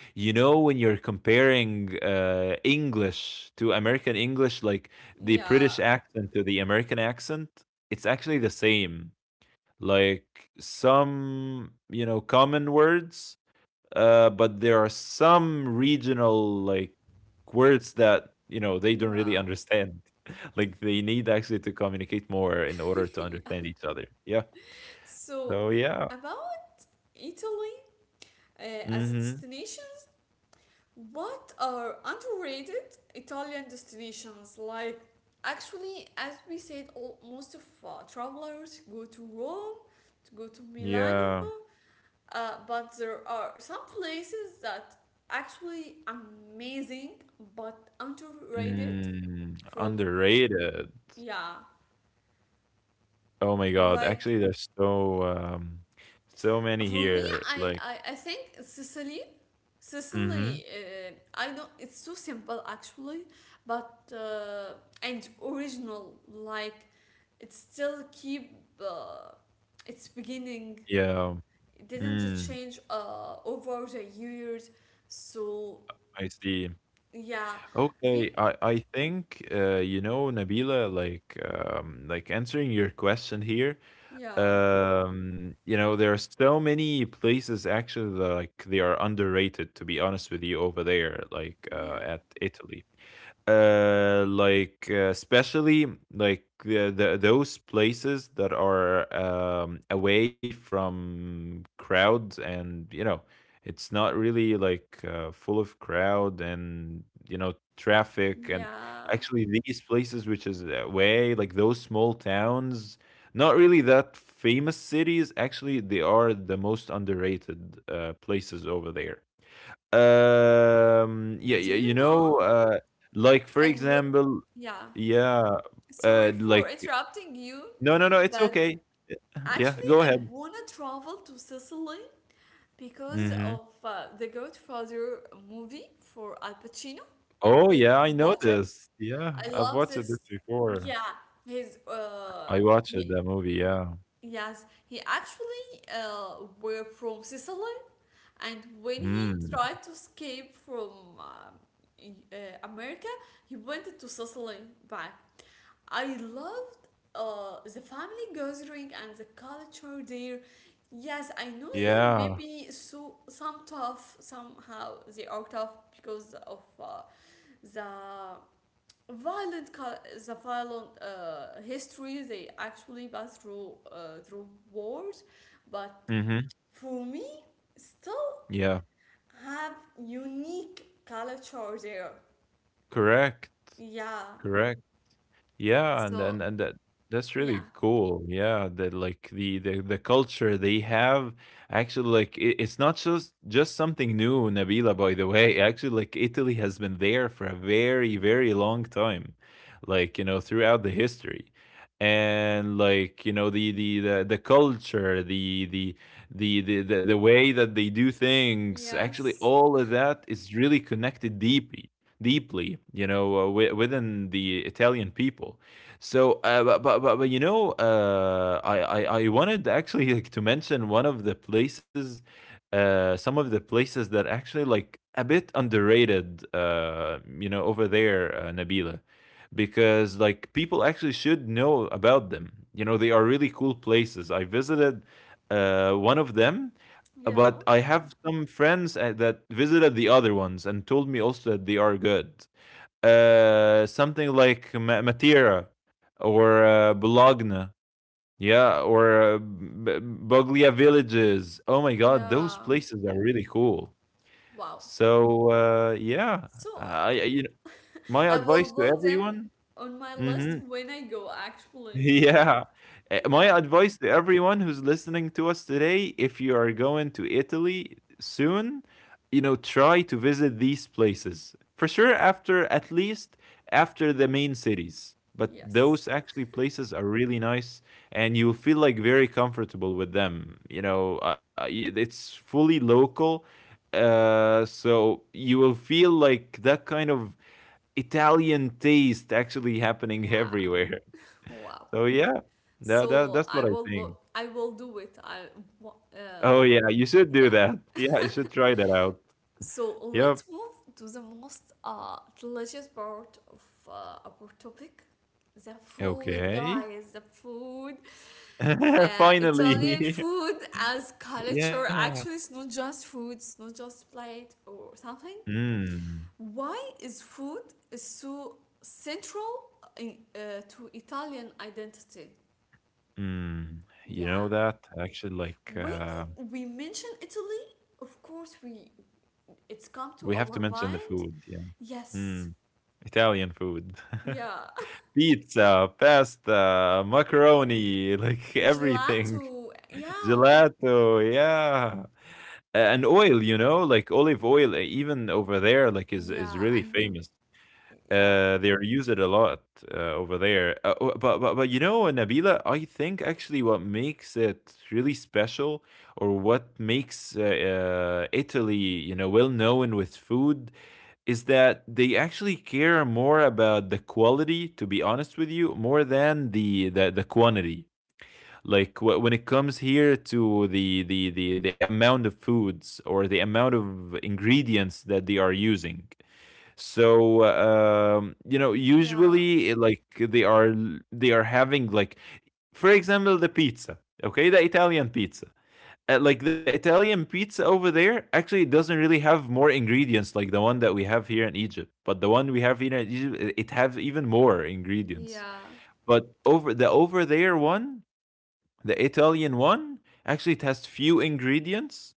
[SPEAKER 2] you know when you're comparing English to American English, like the
[SPEAKER 1] yeah,
[SPEAKER 2] British accent to the American accent, it's actually the same. Like some you know common words but there are some regional like words that you know they don't really
[SPEAKER 1] yeah,
[SPEAKER 2] understand. Like they need actually to communicate more in order to understand each other. Yeah.
[SPEAKER 1] so,
[SPEAKER 2] So yeah.
[SPEAKER 1] about Italy as a
[SPEAKER 2] Mm-hmm.
[SPEAKER 1] destinations, what are underrated Italian destinations? Like, actually, as we said, most of travelers go to Rome, to go to
[SPEAKER 2] Yeah.
[SPEAKER 1] Milano, but there are some places that actually amazing but underrated
[SPEAKER 2] Mm,
[SPEAKER 1] from
[SPEAKER 2] underrated.
[SPEAKER 1] yeah,
[SPEAKER 2] Oh my god.
[SPEAKER 1] like
[SPEAKER 2] Actually, there's so many
[SPEAKER 1] for me,
[SPEAKER 2] here.
[SPEAKER 1] I,
[SPEAKER 2] Like.
[SPEAKER 1] I i think sicily
[SPEAKER 2] Mm-hmm.
[SPEAKER 1] Sicily, I know it's so simple actually, but and original. Like it still keep uh, its beginning.
[SPEAKER 2] Yeah.
[SPEAKER 1] It didn't
[SPEAKER 2] Mm,
[SPEAKER 1] change over the years. So
[SPEAKER 2] I see.
[SPEAKER 1] yeah, be
[SPEAKER 2] Okay, I think you know Nabila, like answering your question here.
[SPEAKER 1] yeah,
[SPEAKER 2] You know there are so many places actually that, like they are underrated. To be honest with you, over there, like
[SPEAKER 1] yeah,
[SPEAKER 2] at Italy especially like the those places that are away from crowd and you know it's not really like full of crowd and you know traffic and
[SPEAKER 1] yeah.
[SPEAKER 2] actually these places which is away, like those small towns, not really that famous cities, actually they are the most underrated places over there. Yeah,
[SPEAKER 1] Do
[SPEAKER 2] yeah, you
[SPEAKER 1] you know?
[SPEAKER 2] know, like for
[SPEAKER 1] I grew.
[SPEAKER 2] example,
[SPEAKER 1] Yeah.
[SPEAKER 2] yeah,
[SPEAKER 1] Sorry for
[SPEAKER 2] like
[SPEAKER 1] interrupting you,
[SPEAKER 2] no, no, no, it's
[SPEAKER 1] but
[SPEAKER 2] okay. Yeah,
[SPEAKER 1] actually
[SPEAKER 2] go
[SPEAKER 1] I
[SPEAKER 2] ahead.
[SPEAKER 1] wanna travel to Sicily because
[SPEAKER 2] Hmm.
[SPEAKER 1] of the Godfather movie for Al Pacino.
[SPEAKER 2] Oh
[SPEAKER 1] Did
[SPEAKER 2] yeah,
[SPEAKER 1] you
[SPEAKER 2] I know
[SPEAKER 1] watch it?
[SPEAKER 2] this. Yeah,
[SPEAKER 1] I
[SPEAKER 2] I've
[SPEAKER 1] love
[SPEAKER 2] watched
[SPEAKER 1] this.
[SPEAKER 2] this before.
[SPEAKER 1] Yeah, his uh,
[SPEAKER 2] I watched
[SPEAKER 1] he,
[SPEAKER 2] that movie. Yeah.
[SPEAKER 1] yes, he actually were from Sicily, and when he
[SPEAKER 2] Mm.
[SPEAKER 1] tried to escape from um, America, he went to Sicily back. I loved the family gathering and the culture there. Yes, I know they
[SPEAKER 2] Yeah.
[SPEAKER 1] maybe so some tough, somehow they are tough because of the violent cul- the violent history they actually passed through, through wars, but
[SPEAKER 2] Hmm.
[SPEAKER 1] for me still
[SPEAKER 2] Yeah.
[SPEAKER 1] have unique culture there.
[SPEAKER 2] Correct.
[SPEAKER 1] Yeah.
[SPEAKER 2] Correct. Yeah, and
[SPEAKER 1] So
[SPEAKER 2] and and that that's
[SPEAKER 1] yeah.
[SPEAKER 2] really cool. Yeah, that like the culture they have actually like it's not just just something new, Nabila, by the way. Actually, like Italy has been there for a very, very long time. Like, you know, throughout the history. And like, you know, the culture, the the way that they do things, actually
[SPEAKER 1] Yes.
[SPEAKER 2] all of that is really connected deeply, you know, within the Italian people. So, but you know, I wanted actually like, to mention one of the some of the places that actually like a bit underrated, you know, over there, Nabila, because like people actually should know about them. You know, they are really cool places. I visited one of them, but
[SPEAKER 1] Yeah.
[SPEAKER 2] I have some friends that visited the other ones and told me also that they are good. Something like Matera or Bologna, yeah, or Boglia villages. Oh my God, those
[SPEAKER 1] Yeah,
[SPEAKER 2] places are really cool.
[SPEAKER 1] wow.
[SPEAKER 2] So yeah,
[SPEAKER 1] So
[SPEAKER 2] you know, my
[SPEAKER 1] I will
[SPEAKER 2] advice to
[SPEAKER 1] put them
[SPEAKER 2] everyone.
[SPEAKER 1] on my list
[SPEAKER 2] Mhm.
[SPEAKER 1] when I go, actually.
[SPEAKER 2] Yeah. My
[SPEAKER 1] Yeah,
[SPEAKER 2] advice to everyone who's listening to us today, if you are going to Italy soon, you know, try to visit these places. For sure, after at least after the main cities. But
[SPEAKER 1] yes.
[SPEAKER 2] those actually places are really nice and you'll feel like very comfortable with them. You know, it's fully local. So you will feel like that kind of Italian taste actually happening
[SPEAKER 1] Yeah,
[SPEAKER 2] everywhere.
[SPEAKER 1] wow.
[SPEAKER 2] So yeah, that that
[SPEAKER 1] So
[SPEAKER 2] that's what I think.
[SPEAKER 1] I will do it. Wa- uh
[SPEAKER 2] Oh yeah, you should do
[SPEAKER 1] yeah.
[SPEAKER 2] that. Yeah, you should try that out.
[SPEAKER 1] So
[SPEAKER 2] Yep.
[SPEAKER 1] let's move to the most delicious part of our topic, the food,
[SPEAKER 2] Okay.
[SPEAKER 1] guys. The food. Italian
[SPEAKER 2] Finally.
[SPEAKER 1] food as culture.
[SPEAKER 2] Yeah.
[SPEAKER 1] Actually, it's not just food, it's not just plate or something.
[SPEAKER 2] Mm.
[SPEAKER 1] Why is food is so central to Italian identity?
[SPEAKER 2] Mm. You know
[SPEAKER 1] Yeah.
[SPEAKER 2] that actually, like
[SPEAKER 1] When we mention Italy, of course, we it's come
[SPEAKER 2] we
[SPEAKER 1] to
[SPEAKER 2] have to
[SPEAKER 1] our
[SPEAKER 2] mention the
[SPEAKER 1] mind.
[SPEAKER 2] food. Yeah.
[SPEAKER 1] Yes.
[SPEAKER 2] Mm. Italian food.
[SPEAKER 1] Yeah.
[SPEAKER 2] Pizza, pasta, macaroni, like everything.
[SPEAKER 1] Gelato. Yeah.
[SPEAKER 2] Gelato, yeah. And oil, you know, like olive oil, even over there, like is
[SPEAKER 1] Yeah,
[SPEAKER 2] really
[SPEAKER 1] I know.
[SPEAKER 2] famous.
[SPEAKER 1] Yeah.
[SPEAKER 2] They use it a lot uh, over there. But you know, Nabila, I think actually what makes it really special, or what makes Italy, you know, well known with food, is that they actually care more about the quality. To be honest with you, more than the quantity, like when it comes here to the amount of foods or the amount of ingredients that they are using. So you know,
[SPEAKER 1] Yeah,
[SPEAKER 2] usually like they are having, like for example the pizza, okay, the Italian pizza. Like the Italian pizza over there actually doesn't really have more ingredients like the one that we have here in Egypt, but the one we have here in Egypt it have even more ingredients.
[SPEAKER 1] yeah.
[SPEAKER 2] But over the over there one, the Italian one, actually it has few ingredients,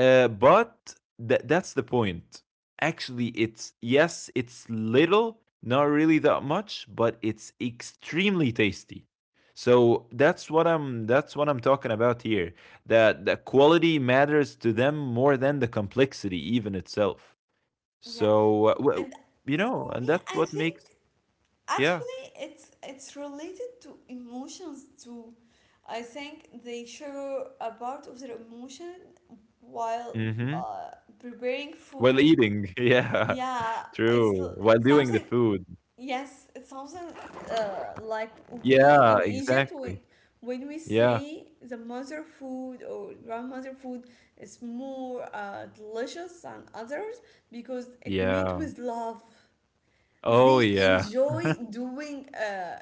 [SPEAKER 2] but that's the point. Actually, it's yes, it's little, not really that much, but it's extremely tasty. So that's what I'm talking about here. That the quality matters to them more than the complexity even itself.
[SPEAKER 1] Yeah.
[SPEAKER 2] So well,
[SPEAKER 1] And
[SPEAKER 2] you know,
[SPEAKER 1] for me,
[SPEAKER 2] and that's
[SPEAKER 1] I
[SPEAKER 2] what
[SPEAKER 1] think
[SPEAKER 2] makes. Yeah.
[SPEAKER 1] actually it's related to emotions too. I think they share a part of their emotion while
[SPEAKER 2] Mm-hmm.
[SPEAKER 1] uh, preparing
[SPEAKER 2] While
[SPEAKER 1] food.
[SPEAKER 2] eating, yeah,
[SPEAKER 1] Yeah, it's
[SPEAKER 2] true.
[SPEAKER 1] l-
[SPEAKER 2] While doing the
[SPEAKER 1] something
[SPEAKER 2] food.
[SPEAKER 1] yes, it's something like we
[SPEAKER 2] Yeah,
[SPEAKER 1] in Egypt, when
[SPEAKER 2] exactly.
[SPEAKER 1] we
[SPEAKER 2] Yeah,
[SPEAKER 1] say the mother food or grandmother food is more delicious than others, because it made
[SPEAKER 2] yeah.
[SPEAKER 1] with love.
[SPEAKER 2] Oh,
[SPEAKER 1] They
[SPEAKER 2] yeah.
[SPEAKER 1] enjoy doing uh,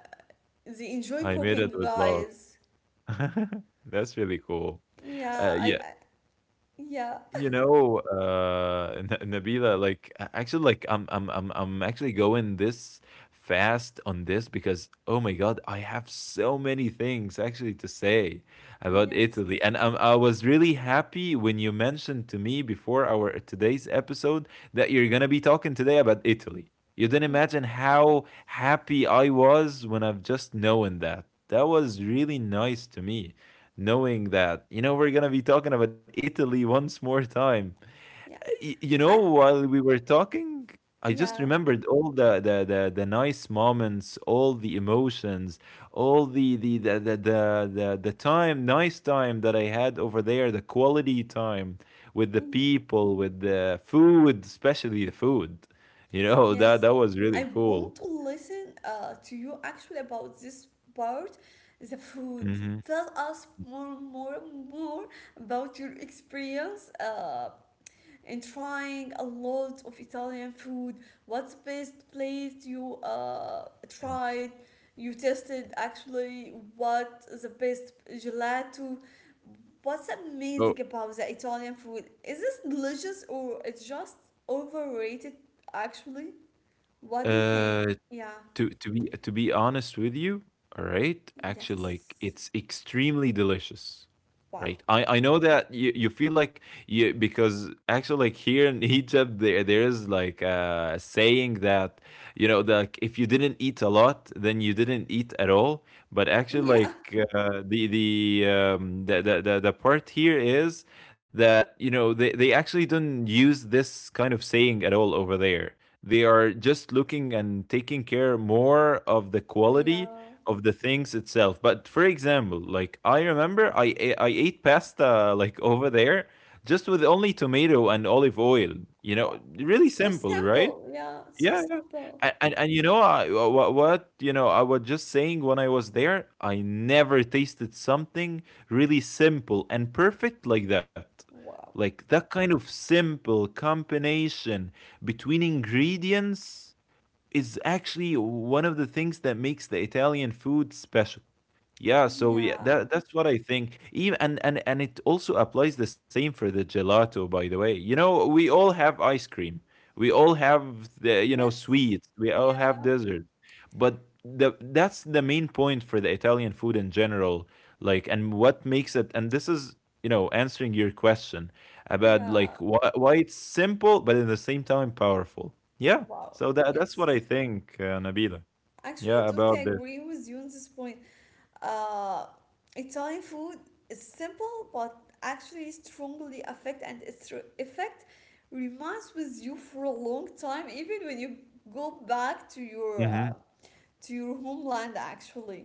[SPEAKER 1] they enjoy
[SPEAKER 2] I made it
[SPEAKER 1] cooking,
[SPEAKER 2] with love.
[SPEAKER 1] guys.
[SPEAKER 2] That's really cool.
[SPEAKER 1] Yeah,
[SPEAKER 2] Yeah.
[SPEAKER 1] I yeah.
[SPEAKER 2] You know, N Nabila, like, a actually, like, I'm actually going this fast on this because, oh my god, I have so many things actually to say about
[SPEAKER 1] Yes.
[SPEAKER 2] Italy, and I was really happy when you mentioned to me before our today's episode that you're gonna be talking today about Italy. You didn't
[SPEAKER 1] Yeah.
[SPEAKER 2] imagine how happy I was when I've just known that. That was really nice to me, knowing that you know we're gonna be talking about Italy once more time.
[SPEAKER 1] Yeah.
[SPEAKER 2] You
[SPEAKER 1] I
[SPEAKER 2] know, while we were talking, I
[SPEAKER 1] yeah.
[SPEAKER 2] just remembered all the nice moments, all the emotions, all the time, nice time that I had over there, the quality time with the
[SPEAKER 1] Yeah.
[SPEAKER 2] people, with the food, especially the food. You know that
[SPEAKER 1] Yes,
[SPEAKER 2] that was really
[SPEAKER 1] I
[SPEAKER 2] cool.
[SPEAKER 1] want to listen to you actually about this part, the food.
[SPEAKER 2] Hmm.
[SPEAKER 1] Tell us more, more, more about your experience in trying a lot of Italian food. What's the best place you tried? You tested actually, what is the best gelato? What's
[SPEAKER 2] Oh,
[SPEAKER 1] amazing about the Italian food? Is this delicious or it's just overrated actually? What do you think?
[SPEAKER 2] uh,
[SPEAKER 1] Yeah.
[SPEAKER 2] to be honest with you, all right, actually, like
[SPEAKER 1] Yes.
[SPEAKER 2] it's extremely delicious, right?
[SPEAKER 1] Wow.
[SPEAKER 2] I know that you feel like you, because actually, like here in Egypt, there is like a saying that you know that like, if you didn't eat a lot, then you didn't eat at all. But actually,
[SPEAKER 1] Yeah.
[SPEAKER 2] like the part here is that you know they actually don't use this kind of saying at all over there. They are just looking and taking care more of the quality
[SPEAKER 1] Yeah.
[SPEAKER 2] of the things itself. But for example, like I remember I ate pasta like over there just with only tomato and olive oil. You
[SPEAKER 1] Wow.
[SPEAKER 2] know, really
[SPEAKER 1] It's so
[SPEAKER 2] simple, right?
[SPEAKER 1] simple. Yeah. It's so
[SPEAKER 2] Yeah,
[SPEAKER 1] simple.
[SPEAKER 2] and you know what you know, I was just saying when I was there, I never tasted something really simple and perfect like that,
[SPEAKER 1] Wow.
[SPEAKER 2] like that kind of simple combination between ingredients is actually one of the things that makes the Italian food special. Yeah, so yeah,
[SPEAKER 1] Yeah.
[SPEAKER 2] that's what I think. Even and it also applies the same for the gelato, by the way. You know, we all have ice cream. We all have the you know
[SPEAKER 1] Yes.
[SPEAKER 2] sweets. We all have
[SPEAKER 1] Yeah.
[SPEAKER 2] dessert. But the that's the main point for the Italian food in general. Like, and what makes it, and this is you know answering your question about like
[SPEAKER 1] Yeah.
[SPEAKER 2] why it's simple but at the same time powerful. Yeah.
[SPEAKER 1] Wow.
[SPEAKER 2] So that's what I
[SPEAKER 1] Yes.
[SPEAKER 2] think, Nabila.
[SPEAKER 1] Actually, I
[SPEAKER 2] Yeah,
[SPEAKER 1] totally
[SPEAKER 2] about this.
[SPEAKER 1] agree with you on this point. Uh, Italian food is simple, but actually strongly affect, and its effect remains with you for a long time, even when you go back to your
[SPEAKER 2] Hmm.
[SPEAKER 1] to your homeland actually,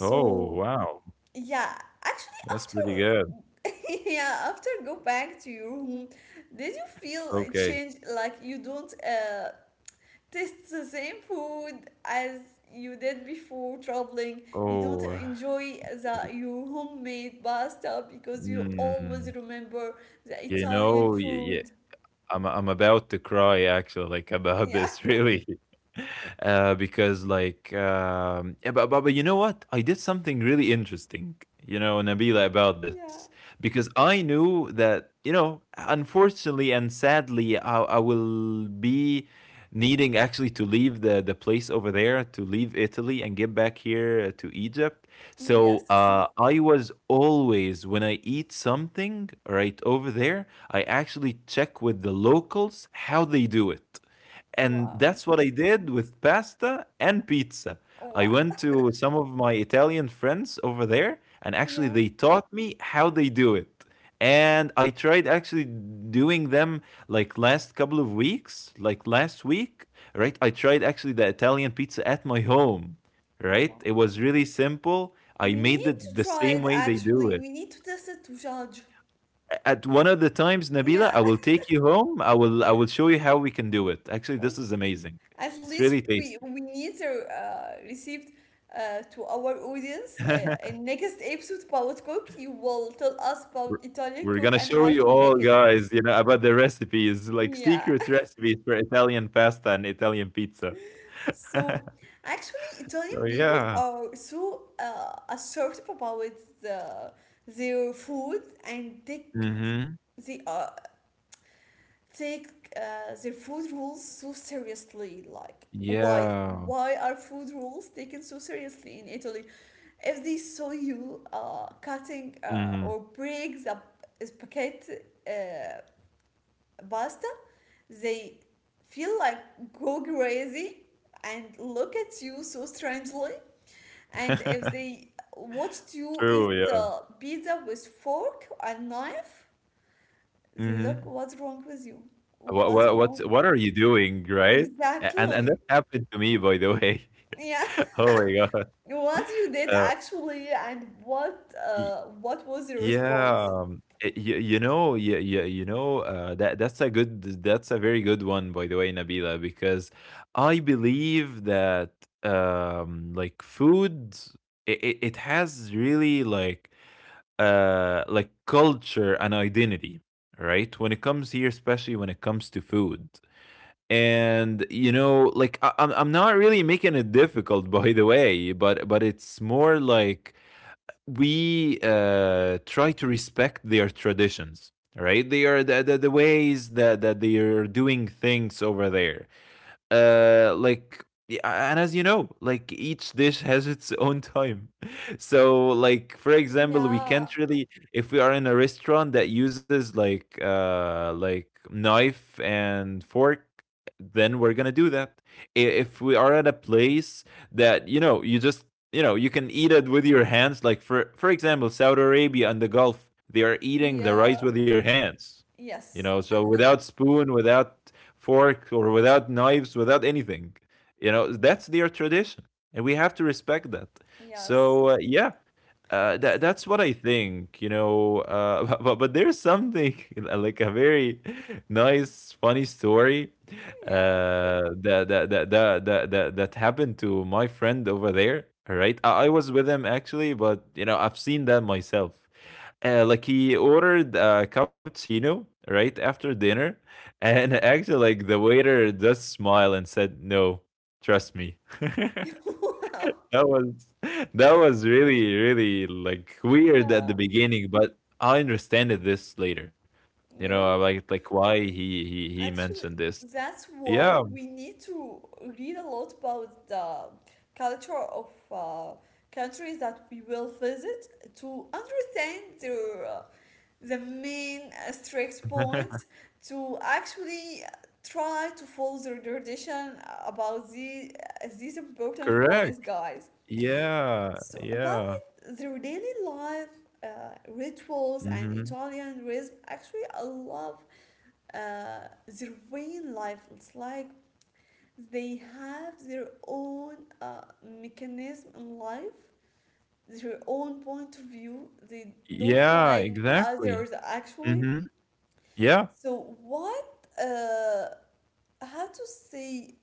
[SPEAKER 2] Oh, wow.
[SPEAKER 1] yeah, actually
[SPEAKER 2] That's pretty good.
[SPEAKER 1] after yeah, after go back to your home, did you feel a
[SPEAKER 2] Okay.
[SPEAKER 1] change, like you don't taste the same food as you did before traveling? You don't
[SPEAKER 2] Oh,
[SPEAKER 1] enjoy the
[SPEAKER 2] y-
[SPEAKER 1] your homemade pasta, because you
[SPEAKER 2] mm,
[SPEAKER 1] always remember the
[SPEAKER 2] you
[SPEAKER 1] Italian
[SPEAKER 2] know,
[SPEAKER 1] food?
[SPEAKER 2] I'm about to cry actually, like about
[SPEAKER 1] Yeah.
[SPEAKER 2] this really, because like yeah, but you know what? I did something really interesting, you know, Nabila, about this,
[SPEAKER 1] Yeah.
[SPEAKER 2] because I knew that you know, unfortunately and sadly, I will be needing actually to leave the place over there, to leave Italy and get back here to Egypt. So
[SPEAKER 1] Yes.
[SPEAKER 2] I was always when I eat something right over there, I actually check with the locals how they do it. And that's
[SPEAKER 1] Wow.
[SPEAKER 2] what I did with pasta and pizza. I went
[SPEAKER 1] Wow.
[SPEAKER 2] to some of my Italian friends over there, and actually, they
[SPEAKER 1] Yeah.
[SPEAKER 2] taught me how they do it. And I tried actually doing them like last couple of weeks, like last week, right? I tried actually the Italian pizza at my home, right? It
[SPEAKER 1] Wow.
[SPEAKER 2] was really simple. I
[SPEAKER 1] We
[SPEAKER 2] made
[SPEAKER 1] need
[SPEAKER 2] it the
[SPEAKER 1] to
[SPEAKER 2] same
[SPEAKER 1] try
[SPEAKER 2] way
[SPEAKER 1] it
[SPEAKER 2] they do it.
[SPEAKER 1] actually. We need to test it to judge.
[SPEAKER 2] At one of the times, Nabila, I will
[SPEAKER 1] Yeah.
[SPEAKER 2] take you home. I will show you how we can do it. Actually, this
[SPEAKER 1] Okay.
[SPEAKER 2] is amazing.
[SPEAKER 1] At
[SPEAKER 2] It's really
[SPEAKER 1] least we
[SPEAKER 2] tasty.
[SPEAKER 1] we need to receive to our audience in next episode about cook. You will tell us about
[SPEAKER 2] we're,
[SPEAKER 1] Italian cook
[SPEAKER 2] we're gonna
[SPEAKER 1] and how
[SPEAKER 2] show
[SPEAKER 1] to
[SPEAKER 2] you
[SPEAKER 1] make
[SPEAKER 2] all,
[SPEAKER 1] it.
[SPEAKER 2] guys. You know, about the recipes, like
[SPEAKER 1] Yeah.
[SPEAKER 2] secret recipes for Italian pasta and Italian pizza.
[SPEAKER 1] So actually, Italian
[SPEAKER 2] So
[SPEAKER 1] people
[SPEAKER 2] yeah.
[SPEAKER 1] are so assertive about the, their food, and they
[SPEAKER 2] Mm-hmm.
[SPEAKER 1] they are take uh, their food rules so seriously. Like, why
[SPEAKER 2] Yeah.
[SPEAKER 1] are food rules taken so seriously in Italy? If they saw you cutting uh,
[SPEAKER 2] Mm-hmm.
[SPEAKER 1] or break the spaghetti, uh, pasta, they feel like go crazy and look at you so strangely, and if they watched you
[SPEAKER 2] True.
[SPEAKER 1] eat the
[SPEAKER 2] Yeah.
[SPEAKER 1] pizza with fork and knife, they
[SPEAKER 2] Mm-hmm.
[SPEAKER 1] look, what's wrong with you?
[SPEAKER 2] What
[SPEAKER 1] What's
[SPEAKER 2] what what
[SPEAKER 1] wrong?
[SPEAKER 2] what are you doing, right? And that
[SPEAKER 1] Exactly.
[SPEAKER 2] happened to me, by the way.
[SPEAKER 1] Yeah.
[SPEAKER 2] Oh my god.
[SPEAKER 1] What you did
[SPEAKER 2] Uh,
[SPEAKER 1] actually, and what was your
[SPEAKER 2] Yeah,
[SPEAKER 1] response?
[SPEAKER 2] y y you know, you know, that's that's a very good one, by the way, Nabila, because I believe that, like food, it has really like culture and identity, right? When it comes here, especially when it comes to food. And you know, like I'm not really making it difficult, by the way, but it's more like we try to respect their traditions, right? They are the, the ways that, that they are doing things over there. Like yeah, and as you know like each dish has its own time. So like for example we
[SPEAKER 1] Yeah.
[SPEAKER 2] can't really, if we are in a restaurant that uses like knife and fork, then we're gonna do that. If we are at a place that you know you just you know you can eat it with your hands, like for example Saudi Arabia and the Gulf, they are eating the
[SPEAKER 1] Yeah.
[SPEAKER 2] rice with your hands, you
[SPEAKER 1] Yes.
[SPEAKER 2] know, so without spoon, without fork, or without knives, without anything. You know, that's their tradition, and we have to respect that.
[SPEAKER 1] Yes.
[SPEAKER 2] So yeah, that
[SPEAKER 1] So,
[SPEAKER 2] that's what I think, you know. But, there's something like a very nice, funny story
[SPEAKER 1] yeah.
[SPEAKER 2] that, that happened to my friend over there. All right, I was with him actually, but you know I've seen that myself. Like he ordered a cappuccino right after dinner, and actually like the waiter just smiled and said, "No, trust me."
[SPEAKER 1] Wow.
[SPEAKER 2] That was that was really, really like weird at the
[SPEAKER 1] Yeah.
[SPEAKER 2] beginning, but I understand it this later. You know, I
[SPEAKER 1] Yes.
[SPEAKER 2] like why he
[SPEAKER 1] Actually,
[SPEAKER 2] mentioned this.
[SPEAKER 1] that's why
[SPEAKER 2] Yeah,
[SPEAKER 1] we need to read a lot about the culture of countries that we will visit, to understand their the main strict points, to actually try to follow their tradition about these important
[SPEAKER 2] correct.
[SPEAKER 1] points, guys.
[SPEAKER 2] Yeah,
[SPEAKER 1] So about
[SPEAKER 2] yeah.
[SPEAKER 1] their daily life, uh, rituals and
[SPEAKER 2] Hmm.
[SPEAKER 1] Italian rhythm. Actually, I love their way in life. It's like they have their own mechanism in life, their own point of view. They don't
[SPEAKER 2] Yeah,
[SPEAKER 1] like
[SPEAKER 2] exactly.
[SPEAKER 1] others actually.
[SPEAKER 2] Hmm. Yeah.
[SPEAKER 1] So what? Uh, how to say,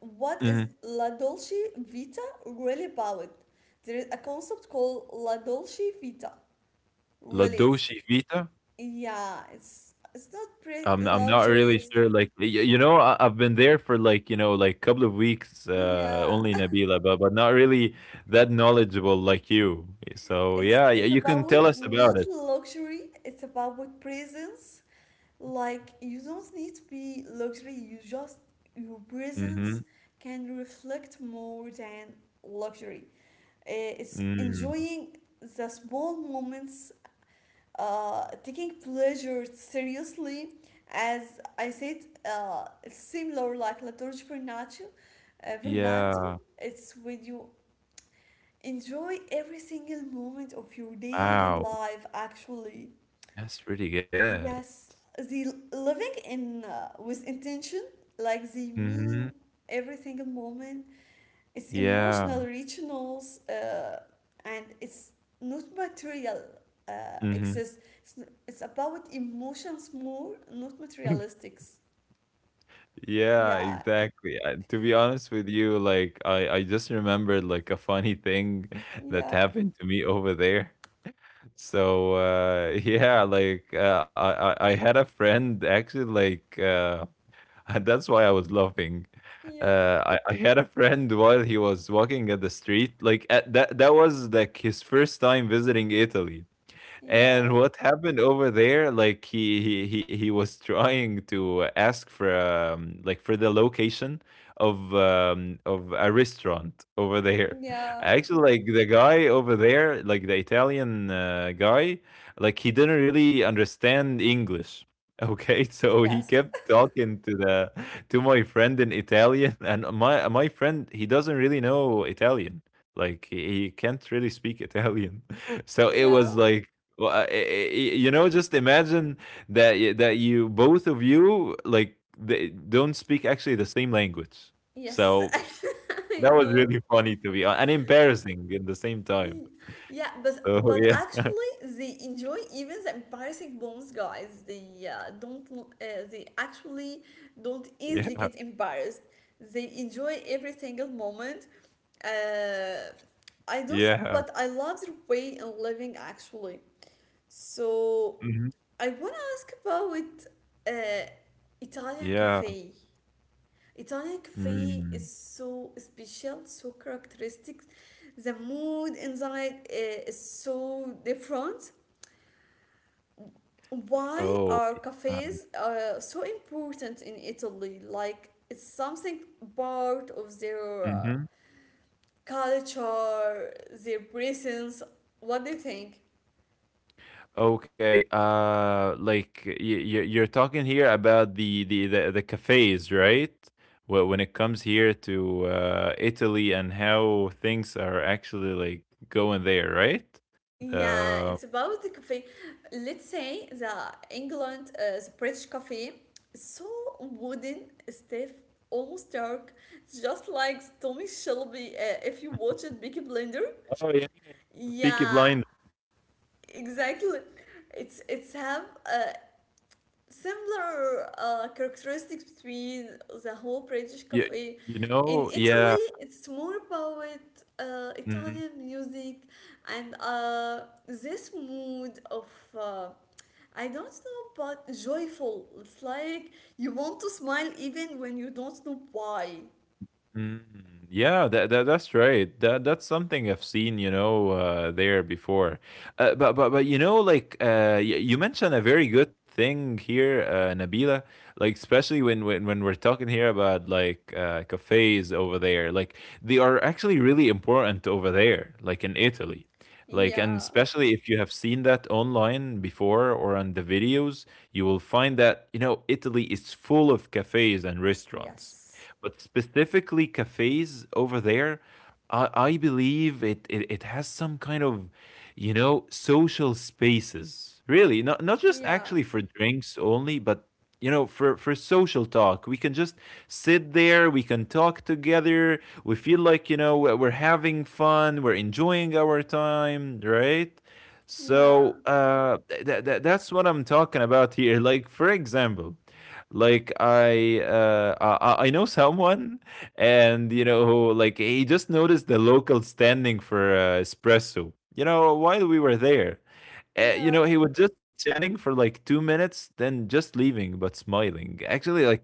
[SPEAKER 1] what is
[SPEAKER 2] Hmm.
[SPEAKER 1] La Dolce Vita really about? There is a concept called La Dolce Vita.
[SPEAKER 2] La
[SPEAKER 1] Really, it's,
[SPEAKER 2] Dolce Vita.
[SPEAKER 1] yeah, it's not
[SPEAKER 2] I'm
[SPEAKER 1] pretty
[SPEAKER 2] I'm not really
[SPEAKER 1] luxurious.
[SPEAKER 2] sure, like, I I've been there for, like, couple of weeks,
[SPEAKER 1] Yeah,
[SPEAKER 2] only Nabila, but not really that knowledgeable like you. So,
[SPEAKER 1] It's
[SPEAKER 2] yeah, yeah,
[SPEAKER 1] it's
[SPEAKER 2] you can
[SPEAKER 1] about with
[SPEAKER 2] tell us about
[SPEAKER 1] not
[SPEAKER 2] it.
[SPEAKER 1] luxury. It's about with presence. Like, you don't need to be luxury. You just, your
[SPEAKER 2] Mhm.
[SPEAKER 1] presence can reflect more than luxury. It's
[SPEAKER 2] Mm.
[SPEAKER 1] enjoying the small moments, taking pleasure seriously. As I said, it's similar like La Torre Vernaccio, Vernaccio.
[SPEAKER 2] Yeah.
[SPEAKER 1] It's when you enjoy every single moment of your daily
[SPEAKER 2] Wow.
[SPEAKER 1] life, actually.
[SPEAKER 2] That's pretty good.
[SPEAKER 1] Yes, the living in with intention, like they
[SPEAKER 2] Mhm.
[SPEAKER 1] mean every single moment. It's
[SPEAKER 2] Yeah.
[SPEAKER 1] emotional richness, and it's not material
[SPEAKER 2] Mhm.
[SPEAKER 1] excess. It's about emotions more, not materialistics.
[SPEAKER 2] Yeah,
[SPEAKER 1] Yeah,
[SPEAKER 2] exactly. To be honest with you, like, I just remembered, like, a funny thing that
[SPEAKER 1] yeah,
[SPEAKER 2] happened to me over there. Yeah, like I had a friend actually that's why I was laughing.
[SPEAKER 1] yeah,
[SPEAKER 2] I had a friend while he was walking at the street like at, that was like his first time visiting Italy,
[SPEAKER 1] yeah,
[SPEAKER 2] and what happened over there, like he was trying to ask for like for the location of a restaurant over there.
[SPEAKER 1] yeah,
[SPEAKER 2] Actually, like the guy over there, like the Italian guy, like he didn't really understand English. Okay, so he
[SPEAKER 1] yes,
[SPEAKER 2] kept talking to the to my friend in Italian, and my friend he doesn't really know Italian. Like he can't really speak Italian. So it
[SPEAKER 1] yeah,
[SPEAKER 2] was like well, you know, just imagine that you both of you like they don't speak actually the same language.
[SPEAKER 1] yes.
[SPEAKER 2] So
[SPEAKER 1] I
[SPEAKER 2] that was
[SPEAKER 1] know.
[SPEAKER 2] really funny to be hon- and embarrassing in the same
[SPEAKER 1] Y-
[SPEAKER 2] time.
[SPEAKER 1] Yeah, but
[SPEAKER 2] So yeah,
[SPEAKER 1] actually, they enjoy even the embarrassing moments, guys. They don't, they actually don't easily
[SPEAKER 2] yeah,
[SPEAKER 1] get embarrassed. They enjoy every single moment. Uh, I do so,
[SPEAKER 2] yeah,
[SPEAKER 1] but I love their way of living actually. So
[SPEAKER 2] mhm,
[SPEAKER 1] I wanna ask about uh, Italian
[SPEAKER 2] yeah.
[SPEAKER 1] cafe. Italian coffee is
[SPEAKER 2] Mm.
[SPEAKER 1] so special, so characteristic. The mood inside is so different. Why
[SPEAKER 2] Oh,
[SPEAKER 1] are
[SPEAKER 2] yeah.
[SPEAKER 1] cafes so important in Italy? Like, it's something part of their
[SPEAKER 2] Mm-hmm.
[SPEAKER 1] culture, their presence. What do you think?
[SPEAKER 2] Okay, like you're talking here about the cafes, right? When it comes here to Italy and how things are actually like going there, right?
[SPEAKER 1] Yeah,
[SPEAKER 2] The
[SPEAKER 1] it's about the coffee. Let's say the England, the British coffee, so wooden, stiff, almost dark, just like Tommy Shelby. If you watch it, Big Blender.
[SPEAKER 2] oh yeah, Peaky
[SPEAKER 1] Yeah,
[SPEAKER 2] Blind.
[SPEAKER 1] exactly. It's have similar characteristics between the whole British
[SPEAKER 2] You,
[SPEAKER 1] cafe.
[SPEAKER 2] you
[SPEAKER 1] In
[SPEAKER 2] know, yeah.
[SPEAKER 1] Italy, it's more about
[SPEAKER 2] Mm-hmm.
[SPEAKER 1] Italian music and this mood of, uh, I don't know, but joyful. It's like you want to smile even when you don't know why.
[SPEAKER 2] Mm, yeah, that that's right. That that's something I've seen, you know, there before. But but you know, you mentioned a very good thing here, Nabila. Like especially when we're talking here about cafes over there, like they are actually really important over there, like in Italy. Like and
[SPEAKER 1] Yeah.
[SPEAKER 2] especially if you have seen that online before or on the videos, you will find that you know Italy is full of cafes and restaurants,
[SPEAKER 1] Yes.
[SPEAKER 2] but specifically cafes over there, I believe it it has some kind of, you know, social spaces. Really, not just
[SPEAKER 1] Yeah.
[SPEAKER 2] actually for drinks only, but you know, for social talk. We can just sit there, we can talk together. We feel like you know we're having fun, we're enjoying our time, right?
[SPEAKER 1] Yeah.
[SPEAKER 2] So that's what I'm talking about here. Like, for example. I know someone, and you know, who, like he just noticed the local standing for espresso. You know, while we were there, you
[SPEAKER 1] Yeah.
[SPEAKER 2] know, he was just chatting for like 2 minutes, then just leaving, but smiling. Actually, like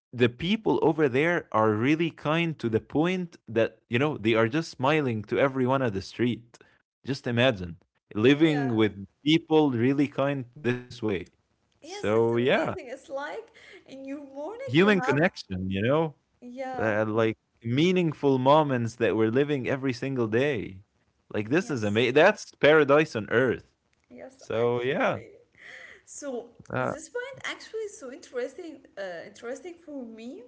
[SPEAKER 2] the people over there are really kind to the point that you know they are just smiling to everyone on the street. Just imagine living
[SPEAKER 1] Yeah.
[SPEAKER 2] with people really kind this way.
[SPEAKER 1] Yes,
[SPEAKER 2] So
[SPEAKER 1] it's
[SPEAKER 2] yeah,
[SPEAKER 1] amazing. It's like in your morning
[SPEAKER 2] human
[SPEAKER 1] you have,
[SPEAKER 2] connection, you know?
[SPEAKER 1] yeah.
[SPEAKER 2] Like, meaningful moments that we're living every single day. Like, this is
[SPEAKER 1] Yes,
[SPEAKER 2] amazing. That's paradise on earth.
[SPEAKER 1] yes,
[SPEAKER 2] So, yeah.
[SPEAKER 1] actually. So
[SPEAKER 2] Uh,
[SPEAKER 1] this point actually is so interesting for me,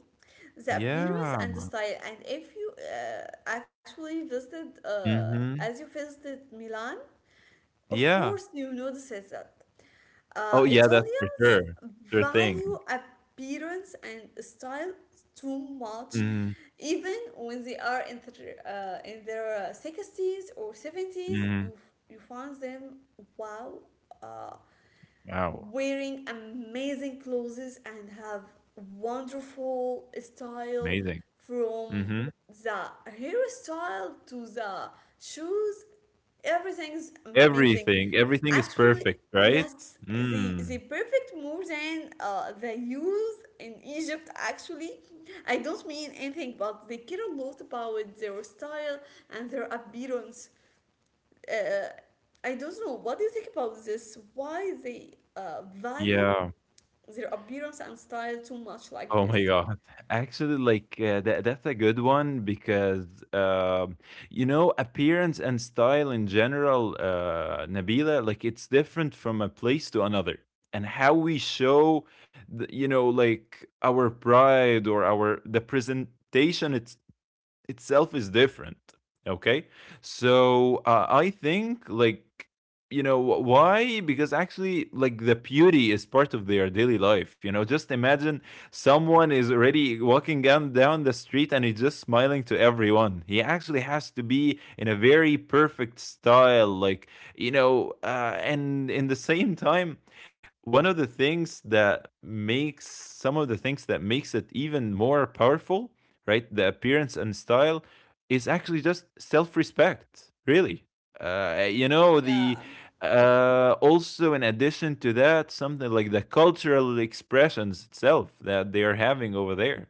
[SPEAKER 1] the appearance
[SPEAKER 2] yeah.
[SPEAKER 1] and the style. And if you actually visited,
[SPEAKER 2] Mhm.
[SPEAKER 1] as you visited Milan, of
[SPEAKER 2] Yeah.
[SPEAKER 1] course you noticed that.
[SPEAKER 2] Oh, yeah, that's for
[SPEAKER 1] Italians
[SPEAKER 2] sure. Sure thing.
[SPEAKER 1] value appearance and style too much,
[SPEAKER 2] Mhm.
[SPEAKER 1] even when they are in, in their sixties or seventies. You
[SPEAKER 2] Mhm.
[SPEAKER 1] you find them, wow. Uh,
[SPEAKER 2] Wow.
[SPEAKER 1] wearing amazing clothes and have wonderful style,
[SPEAKER 2] Amazing.
[SPEAKER 1] from
[SPEAKER 2] Mhm.
[SPEAKER 1] the hairstyle to the shoes, everything's amazing
[SPEAKER 2] Everything is
[SPEAKER 1] actually.
[SPEAKER 2] perfect, right?
[SPEAKER 1] Yes, the
[SPEAKER 2] Mm.
[SPEAKER 1] perfect, more than the youth in Egypt actually. I don't mean anything, but they care a lot about their style and their appearance. uh, I don't know, what do you think about this? Why they value
[SPEAKER 2] Yeah.
[SPEAKER 1] their appearance and style too much like
[SPEAKER 2] Oh my
[SPEAKER 1] this?
[SPEAKER 2] God. Actually, like, that that's a good one because, you know, appearance and style in general, Nabila, like, it's different from a place to another. And how we show, you know, like our pride or our the presentation itself is different. Okay, so I think like you know why, because actually like the beauty is part of their daily life. You know, just imagine someone is already walking down the street, and he's just smiling to everyone. He actually has to be in a very perfect style, like you know. And in the same time, one of the things that makes some of the things that makes it even more powerful, right? The appearance and style is actually just self respect, really. You know, the
[SPEAKER 1] Yeah.
[SPEAKER 2] also in addition to that, something like the cultural expressions itself that they are having over there,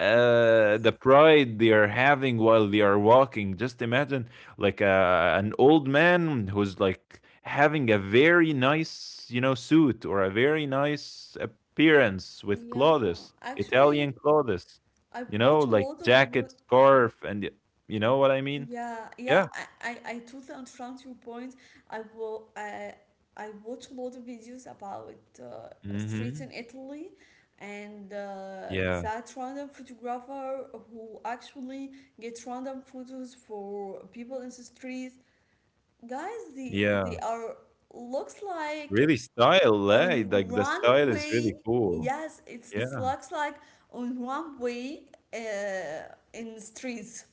[SPEAKER 1] Yes.
[SPEAKER 2] the pride they are having while they are walking. Just imagine like a an old man who's like having a very nice you know suit or a very nice appearance with
[SPEAKER 1] Yeah.
[SPEAKER 2] clothes,
[SPEAKER 1] Actually,
[SPEAKER 2] Italian clothes,
[SPEAKER 1] I
[SPEAKER 2] you know,
[SPEAKER 1] watch a
[SPEAKER 2] like
[SPEAKER 1] lot of,
[SPEAKER 2] jacket, scarf, and you know what I mean?
[SPEAKER 1] yeah, yeah,
[SPEAKER 2] Yeah,
[SPEAKER 1] I totally understand your point. I will I watch a lot of videos about streets
[SPEAKER 2] mm-hmm,
[SPEAKER 1] in Italy and
[SPEAKER 2] yeah,
[SPEAKER 1] that random photographer who actually gets random photos for people in the streets. Guys, they
[SPEAKER 2] yeah,
[SPEAKER 1] they are looks like
[SPEAKER 2] really style, eh?
[SPEAKER 1] on
[SPEAKER 2] Like the style is
[SPEAKER 1] runway.
[SPEAKER 2] really cool.
[SPEAKER 1] Yes, it
[SPEAKER 2] Yeah,
[SPEAKER 1] looks like on runway, in streets,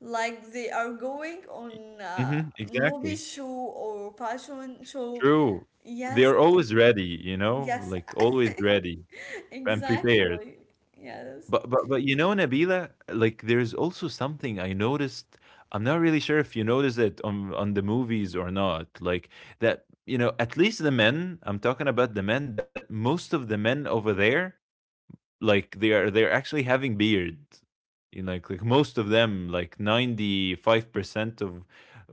[SPEAKER 1] like they are going on a
[SPEAKER 2] hmm,
[SPEAKER 1] movie
[SPEAKER 2] exactly.
[SPEAKER 1] show or fashion show.
[SPEAKER 2] True. They
[SPEAKER 1] Yes,
[SPEAKER 2] are always ready, you know,
[SPEAKER 1] yes,
[SPEAKER 2] like always ready and prepared.
[SPEAKER 1] exactly. Yes,
[SPEAKER 2] But but you know, Nabila, like there's also something I noticed. I'm not really sure if you notice it on the movies or not. Like that, you know, at least the men, I'm talking about the men, that most of the men over there, like they're actually having beard. You know, like most of them, like 95%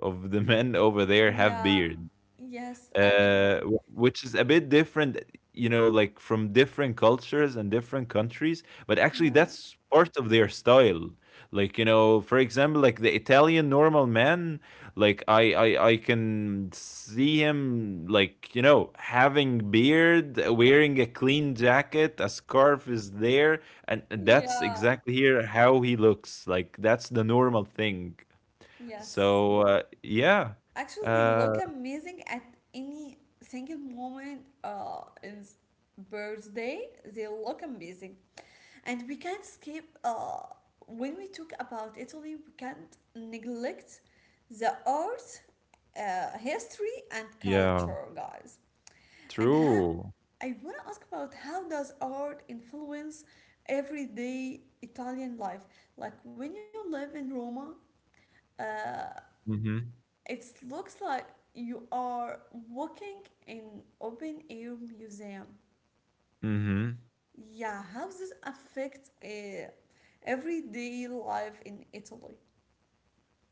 [SPEAKER 2] of the men over there have
[SPEAKER 1] yeah,
[SPEAKER 2] beard,
[SPEAKER 1] yes, actually.
[SPEAKER 2] which is a bit different, you know, like from different cultures and different countries. But actually,
[SPEAKER 1] Yeah,
[SPEAKER 2] that's part of their style. Like you know, for example, like the Italian normal man, like I can see him like you know having beard, wearing a clean jacket, a scarf is there, and that's
[SPEAKER 1] yeah,
[SPEAKER 2] exactly here how he looks. Like that's the normal thing.
[SPEAKER 1] yes.
[SPEAKER 2] So yeah,
[SPEAKER 1] Actually, they look
[SPEAKER 2] uh,
[SPEAKER 1] amazing at any single moment, in birthday. They look amazing. And we can't skip, when we talk about Italy, we can't neglect the art, history and
[SPEAKER 2] yeah,
[SPEAKER 1] culture, guys. And how,
[SPEAKER 2] true.
[SPEAKER 1] I want to ask, about how does art influence everyday Italian life, like, when you live in Roma, uh,
[SPEAKER 2] Mhm.
[SPEAKER 1] it looks like you are walking in open air museum.
[SPEAKER 2] Mhm.
[SPEAKER 1] Yeah, how does this affect everyday life in Italy?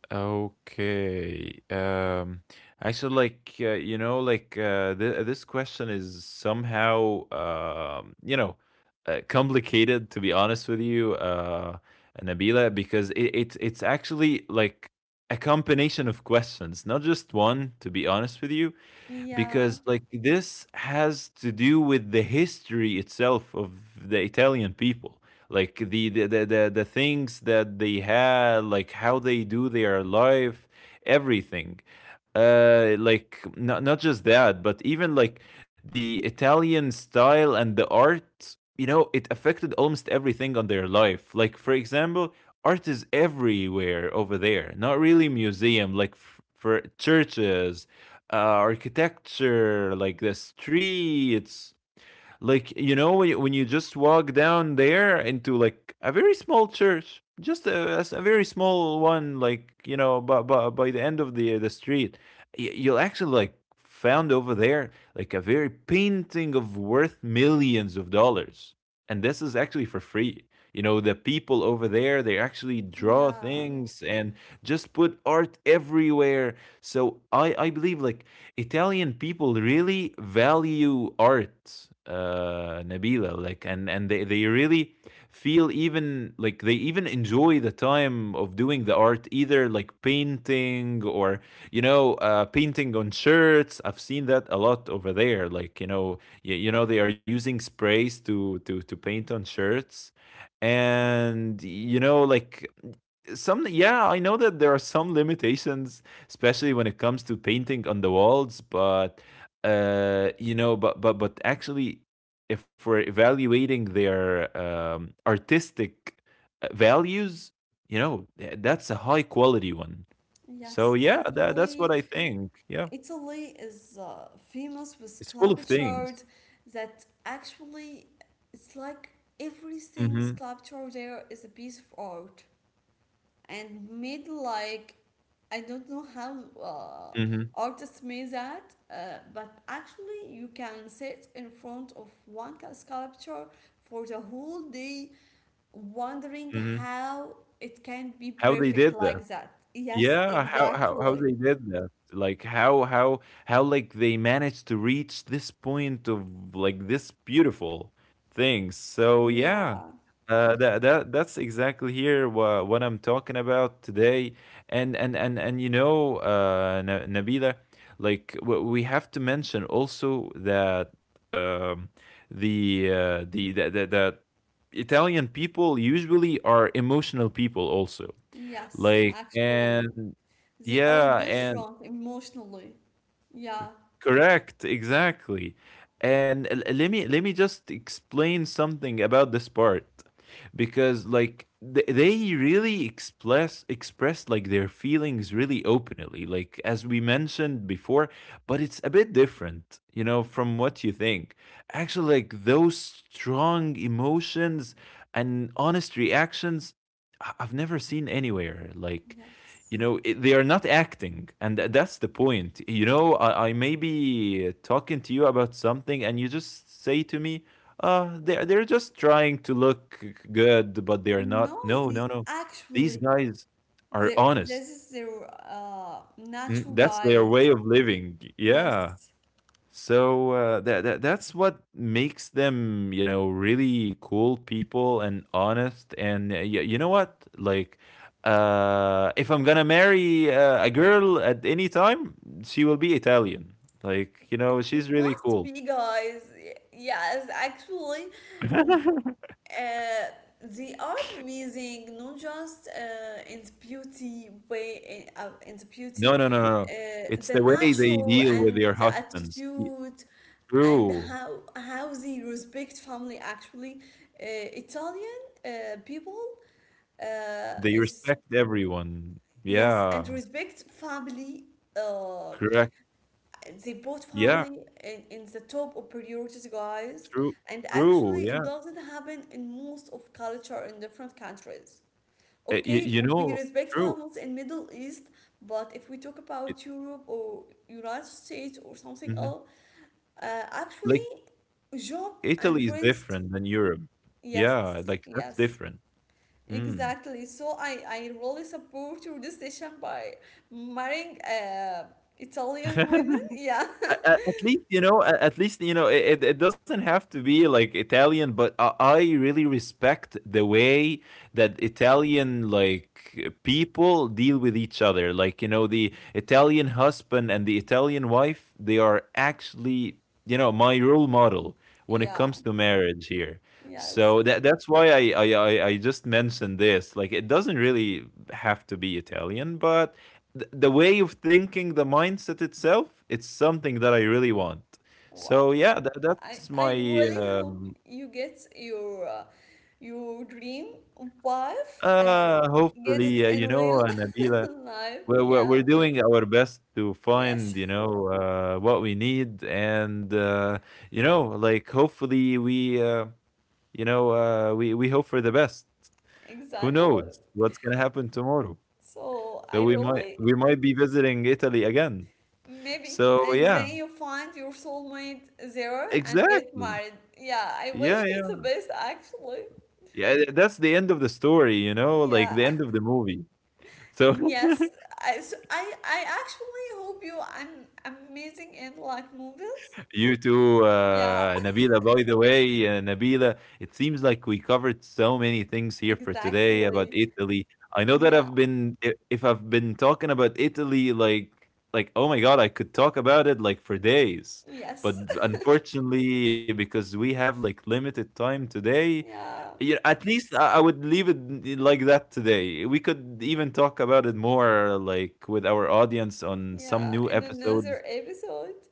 [SPEAKER 2] Okay. Actually, you know, this question is somehow you know, complicated to be honest with you, Nabila, because it's actually like a combination of questions, not just one. To be honest with you, because
[SPEAKER 1] Yeah,
[SPEAKER 2] like this has to do with the history itself of the Italian people, like the things that they had, like how they do their life, everything. Like, not just that, but even like the Italian style and the art, you know, it affected almost everything on their life. Like, for example, art is everywhere over there, not really museum, like for churches, architecture, like the streets. Like, you know, when you just walk down there into like a very small church, just a very small one, like, you know, by the end of the street, you'll actually like found over there like a very painting of worth millions of dollars, and this is actually for free. You know, the people over there they actually draw
[SPEAKER 1] yeah,
[SPEAKER 2] things and just put art everywhere. So I believe like Italian people really value art, uh, Nabila, like and they really feel, even like they even enjoy the time of doing the art, either like painting or you know, painting on shirts. I've seen that a lot over there, like you know, you know they are using sprays to paint on shirts. And you know, like some, yeah, I know that there are some limitations, especially when it comes to painting on the walls. But you know, but but actually if we're evaluating their artistic values, you know that's a high quality one. So
[SPEAKER 1] yes.
[SPEAKER 2] yeah, that's what
[SPEAKER 1] Actually,
[SPEAKER 2] I think, yeah.
[SPEAKER 1] Italy is famous with
[SPEAKER 2] It's full
[SPEAKER 1] club
[SPEAKER 2] of things.
[SPEAKER 1] charts, that actually it's like every single
[SPEAKER 2] Mm-hmm.
[SPEAKER 1] sculpture there is a piece of art. And made, like, I don't know how
[SPEAKER 2] Mm-hmm.
[SPEAKER 1] artists made that, but actually you can sit in front of one, sculpture, for the whole day, wondering
[SPEAKER 2] Mm-hmm.
[SPEAKER 1] how it can be
[SPEAKER 2] How they
[SPEAKER 1] perfect
[SPEAKER 2] did that.
[SPEAKER 1] like that. Yes,
[SPEAKER 2] Yeah, how
[SPEAKER 1] exactly.
[SPEAKER 2] they did that. Like how like they managed to reach this point of like this beautiful thing. So yeah.
[SPEAKER 1] Yeah.
[SPEAKER 2] That that's exactly here what I'm talking about today. And you know, Na Nabila, like w we have to mention also that um the that that that Italian people usually are emotional people also.
[SPEAKER 1] Yes,
[SPEAKER 2] Like,
[SPEAKER 1] actually,
[SPEAKER 2] and
[SPEAKER 1] they are
[SPEAKER 2] yeah,
[SPEAKER 1] different
[SPEAKER 2] and
[SPEAKER 1] emotionally. Yeah.
[SPEAKER 2] correct, exactly. And let me just explain something about this part, because like they really express like their feelings really openly, like as we mentioned before. But it's a bit different, you know, from what you think. Actually, like those strong emotions and honest reactions, I've never seen anywhere. Like,
[SPEAKER 1] Yes.
[SPEAKER 2] you know, it, they are not acting, and that's the point. You know, I may be talking to you about something, and you just say to me, uh, they're just trying to look good, but they're not.
[SPEAKER 1] No,
[SPEAKER 2] No, no,
[SPEAKER 1] they
[SPEAKER 2] no, these
[SPEAKER 1] actually.
[SPEAKER 2] guys are
[SPEAKER 1] There,
[SPEAKER 2] honest.
[SPEAKER 1] this is their
[SPEAKER 2] Mm,
[SPEAKER 1] natural,
[SPEAKER 2] that's their way of
[SPEAKER 1] guys.
[SPEAKER 2] living, yeah.
[SPEAKER 1] Yes.
[SPEAKER 2] So that, that that's what makes them, you know, really cool people and honest. And you know what? Like, if I'm gonna marry a girl at any time, she will be Italian. Like, you know,
[SPEAKER 1] It
[SPEAKER 2] she's really
[SPEAKER 1] must
[SPEAKER 2] cool.
[SPEAKER 1] be, guys. Yes, actually, w- uh, they are amazing, not just in the beauty way, in the
[SPEAKER 2] No,
[SPEAKER 1] beauty,
[SPEAKER 2] no, no, no, no. It's
[SPEAKER 1] the
[SPEAKER 2] the way they
[SPEAKER 1] natural
[SPEAKER 2] deal with
[SPEAKER 1] and
[SPEAKER 2] their
[SPEAKER 1] the
[SPEAKER 2] husbands. Y-
[SPEAKER 1] attitude, and
[SPEAKER 2] True.
[SPEAKER 1] how they respect family. Actually, Italian people
[SPEAKER 2] They
[SPEAKER 1] is.
[SPEAKER 2] respect everyone.
[SPEAKER 1] Yes, and
[SPEAKER 2] Yeah.
[SPEAKER 1] respect family. Uh,
[SPEAKER 2] Correct.
[SPEAKER 1] they put
[SPEAKER 2] Yeah.
[SPEAKER 1] family in, the top of priorities, guys.
[SPEAKER 2] True.
[SPEAKER 1] And
[SPEAKER 2] True.
[SPEAKER 1] actually,
[SPEAKER 2] Yeah.
[SPEAKER 1] it doesn't happen in most of culture in different countries. Okay,
[SPEAKER 2] You
[SPEAKER 1] we
[SPEAKER 2] know,
[SPEAKER 1] respect
[SPEAKER 2] true.
[SPEAKER 1] families in Middle East, but if we talk about Europe or United States or something else,
[SPEAKER 2] Mhm.
[SPEAKER 1] actually,
[SPEAKER 2] Like,
[SPEAKER 1] job and
[SPEAKER 2] Italy is
[SPEAKER 1] friends,
[SPEAKER 2] different than Europe.
[SPEAKER 1] yes,
[SPEAKER 2] Yeah, like, that's
[SPEAKER 1] yes.
[SPEAKER 2] different. Mm.
[SPEAKER 1] Exactly. So I really support your decision by marrying Italian women. Yeah.
[SPEAKER 2] At least you know, at least you know, it it doesn't have to be like Italian, but I really respect the way that Italian, like, people deal with each other. Like, you know, the Italian husband and the Italian wife, they are actually, you know, my role model when it
[SPEAKER 1] Yeah.
[SPEAKER 2] comes to marriage here.
[SPEAKER 1] Yes.
[SPEAKER 2] So that that's why I just mentioned this, like it doesn't really have to be Italian, but the way of thinking, the mindset itself, it's something that I really want.
[SPEAKER 1] Wow.
[SPEAKER 2] So yeah, that, that's
[SPEAKER 1] I
[SPEAKER 2] my
[SPEAKER 1] really hope you get your dream wife and get it
[SPEAKER 2] hopefully
[SPEAKER 1] in
[SPEAKER 2] you know,
[SPEAKER 1] real
[SPEAKER 2] Nabila,
[SPEAKER 1] life. Yeah.
[SPEAKER 2] we're doing our best to find
[SPEAKER 1] Yes.
[SPEAKER 2] you know what we need, and you know like hopefully we you know we hope for the best. Who
[SPEAKER 1] Exactly.
[SPEAKER 2] knows what's gonna happen tomorrow?
[SPEAKER 1] So
[SPEAKER 2] So
[SPEAKER 1] I really
[SPEAKER 2] we might be visiting Italy again.
[SPEAKER 1] Maybe.
[SPEAKER 2] So
[SPEAKER 1] And then
[SPEAKER 2] yeah,
[SPEAKER 1] you find your soulmate there and get
[SPEAKER 2] exactly.
[SPEAKER 1] married. Yeah, I wish
[SPEAKER 2] Yeah,
[SPEAKER 1] you the
[SPEAKER 2] yeah.
[SPEAKER 1] best actually.
[SPEAKER 2] Yeah, th that's the end of the story, you know, like
[SPEAKER 1] Yeah.
[SPEAKER 2] the end of the movie. So
[SPEAKER 1] Yes. So I actually hope you an amazing in like movies.
[SPEAKER 2] you two,
[SPEAKER 1] Yeah.
[SPEAKER 2] Nabila, by the way, Nabila, it seems like we covered so many things here for today about
[SPEAKER 1] Exactly.
[SPEAKER 2] Italy. I know that
[SPEAKER 1] Yeah.
[SPEAKER 2] I've been if I've been talking about Italy like oh my God, I could talk about it like for days.
[SPEAKER 1] Yes.
[SPEAKER 2] But unfortunately, because we have like limited time today,
[SPEAKER 1] Yeah.
[SPEAKER 2] yeah, at least I would leave it like that today. We could even talk about it more, like with our audience on some
[SPEAKER 1] Yeah.
[SPEAKER 2] new
[SPEAKER 1] In another
[SPEAKER 2] episodes.
[SPEAKER 1] episode.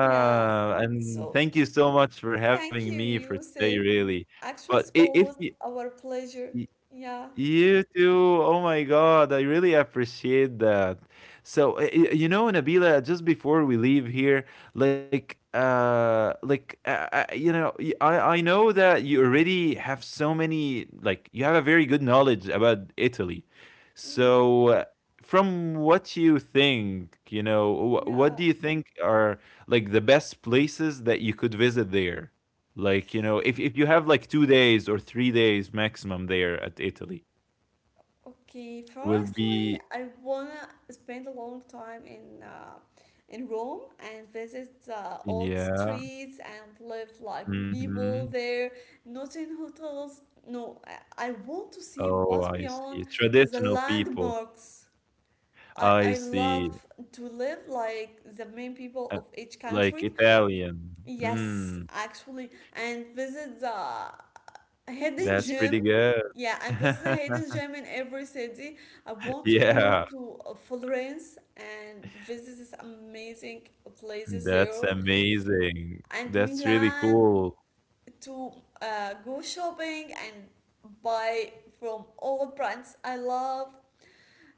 [SPEAKER 1] Yeah.
[SPEAKER 2] and
[SPEAKER 1] So
[SPEAKER 2] thank you so much for having
[SPEAKER 1] thank you,
[SPEAKER 2] me for today,
[SPEAKER 1] Yusuf.
[SPEAKER 2] really. But
[SPEAKER 1] Actually, it's
[SPEAKER 2] I- if
[SPEAKER 1] always
[SPEAKER 2] you,
[SPEAKER 1] our pleasure. Yeah.
[SPEAKER 2] you too. Oh my God. I really appreciate that. So, you know, Nabila, just before we leave here, like, you know, I know that you already have so many, like, you have a very good knowledge about Italy.
[SPEAKER 1] Yeah.
[SPEAKER 2] So, from what you think, you know,
[SPEAKER 1] Yeah,
[SPEAKER 2] what do you think are like the best places that you could visit there? Like, you know, if you have like 2 days or 3 days maximum there at Italy,
[SPEAKER 1] okay.
[SPEAKER 2] will
[SPEAKER 1] Firstly,
[SPEAKER 2] be
[SPEAKER 1] I wanna spend a long time in in Rome and visit the old
[SPEAKER 2] yeah,
[SPEAKER 1] streets and live like
[SPEAKER 2] mhm.
[SPEAKER 1] people there, not in hotels. No, I want to see
[SPEAKER 2] Oh,
[SPEAKER 1] what's
[SPEAKER 2] I
[SPEAKER 1] beyond
[SPEAKER 2] see.
[SPEAKER 1] the
[SPEAKER 2] Traditional people.
[SPEAKER 1] landmarks. I,
[SPEAKER 2] I
[SPEAKER 1] I
[SPEAKER 2] see.
[SPEAKER 1] love to live like the main people
[SPEAKER 2] Uh,
[SPEAKER 1] of each
[SPEAKER 2] like
[SPEAKER 1] country.
[SPEAKER 2] Italian.
[SPEAKER 1] Yes,
[SPEAKER 2] Mm,
[SPEAKER 1] actually, and visit the. A hidden
[SPEAKER 2] that's
[SPEAKER 1] gem.
[SPEAKER 2] pretty good.
[SPEAKER 1] Yeah, and this is a hidden gem in every city. I want to go
[SPEAKER 2] Yeah,
[SPEAKER 1] to Florence and visit this amazing places
[SPEAKER 2] that's
[SPEAKER 1] there,
[SPEAKER 2] amazing.
[SPEAKER 1] and
[SPEAKER 2] That's really
[SPEAKER 1] Milan
[SPEAKER 2] cool.
[SPEAKER 1] to go shopping and buy from all brands I love.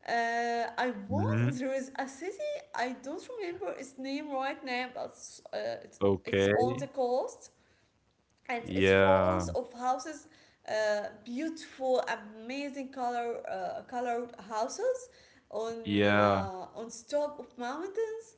[SPEAKER 1] I
[SPEAKER 2] Mhm.
[SPEAKER 1] want there is a city I don't remember its name right now, but it's
[SPEAKER 2] Okay.
[SPEAKER 1] on the coast, and it's full
[SPEAKER 2] Yeah,
[SPEAKER 1] of houses, beautiful amazing color, colored houses, on
[SPEAKER 2] yeah.
[SPEAKER 1] on top of mountains.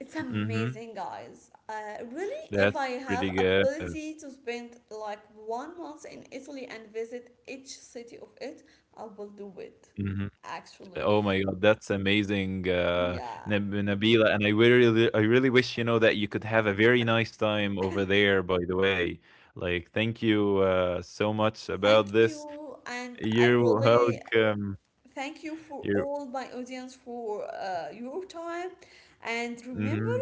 [SPEAKER 1] It's
[SPEAKER 2] Mhm.
[SPEAKER 1] amazing, guys, really. If
[SPEAKER 2] That's
[SPEAKER 1] I
[SPEAKER 2] pretty
[SPEAKER 1] have
[SPEAKER 2] good.
[SPEAKER 1] ability to spend like one month in Italy and visit each city of it, I will do it
[SPEAKER 2] Mhm.
[SPEAKER 1] actually.
[SPEAKER 2] Oh my God, that's amazing, uh,
[SPEAKER 1] Yeah,
[SPEAKER 2] Nab Nabila. And I really wish, you know, that you could have a very nice time over there, by the way. Like, thank you so much
[SPEAKER 1] thank
[SPEAKER 2] about this.
[SPEAKER 1] you, and I
[SPEAKER 2] You're
[SPEAKER 1] really
[SPEAKER 2] welcome.
[SPEAKER 1] thank you, for
[SPEAKER 2] You're,
[SPEAKER 1] all my audience, for your time. And remember,
[SPEAKER 2] mm-hmm,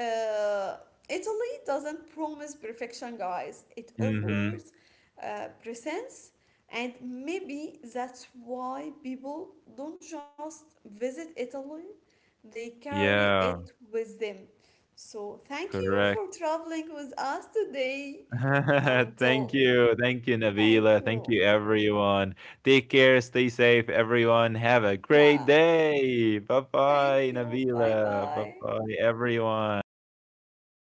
[SPEAKER 1] uh, Italy doesn't promise perfection, guys. It
[SPEAKER 2] mm-hmm.
[SPEAKER 1] offers, presence, and maybe that's why people don't just visit Italy, they carry
[SPEAKER 2] Yeah,
[SPEAKER 1] it with them. So, thank you
[SPEAKER 2] correct.
[SPEAKER 1] for traveling with us today.
[SPEAKER 2] Thank
[SPEAKER 1] Until,
[SPEAKER 2] you. Thank you,
[SPEAKER 1] thank
[SPEAKER 2] Nabila. Thank
[SPEAKER 1] you.
[SPEAKER 2] you, everyone. Take care. Stay safe, everyone. Have a great
[SPEAKER 1] Yeah,
[SPEAKER 2] day. Bye
[SPEAKER 1] thank
[SPEAKER 2] bye,
[SPEAKER 1] you. Bye
[SPEAKER 2] Nabila. Bye
[SPEAKER 1] bye.
[SPEAKER 2] bye, everyone.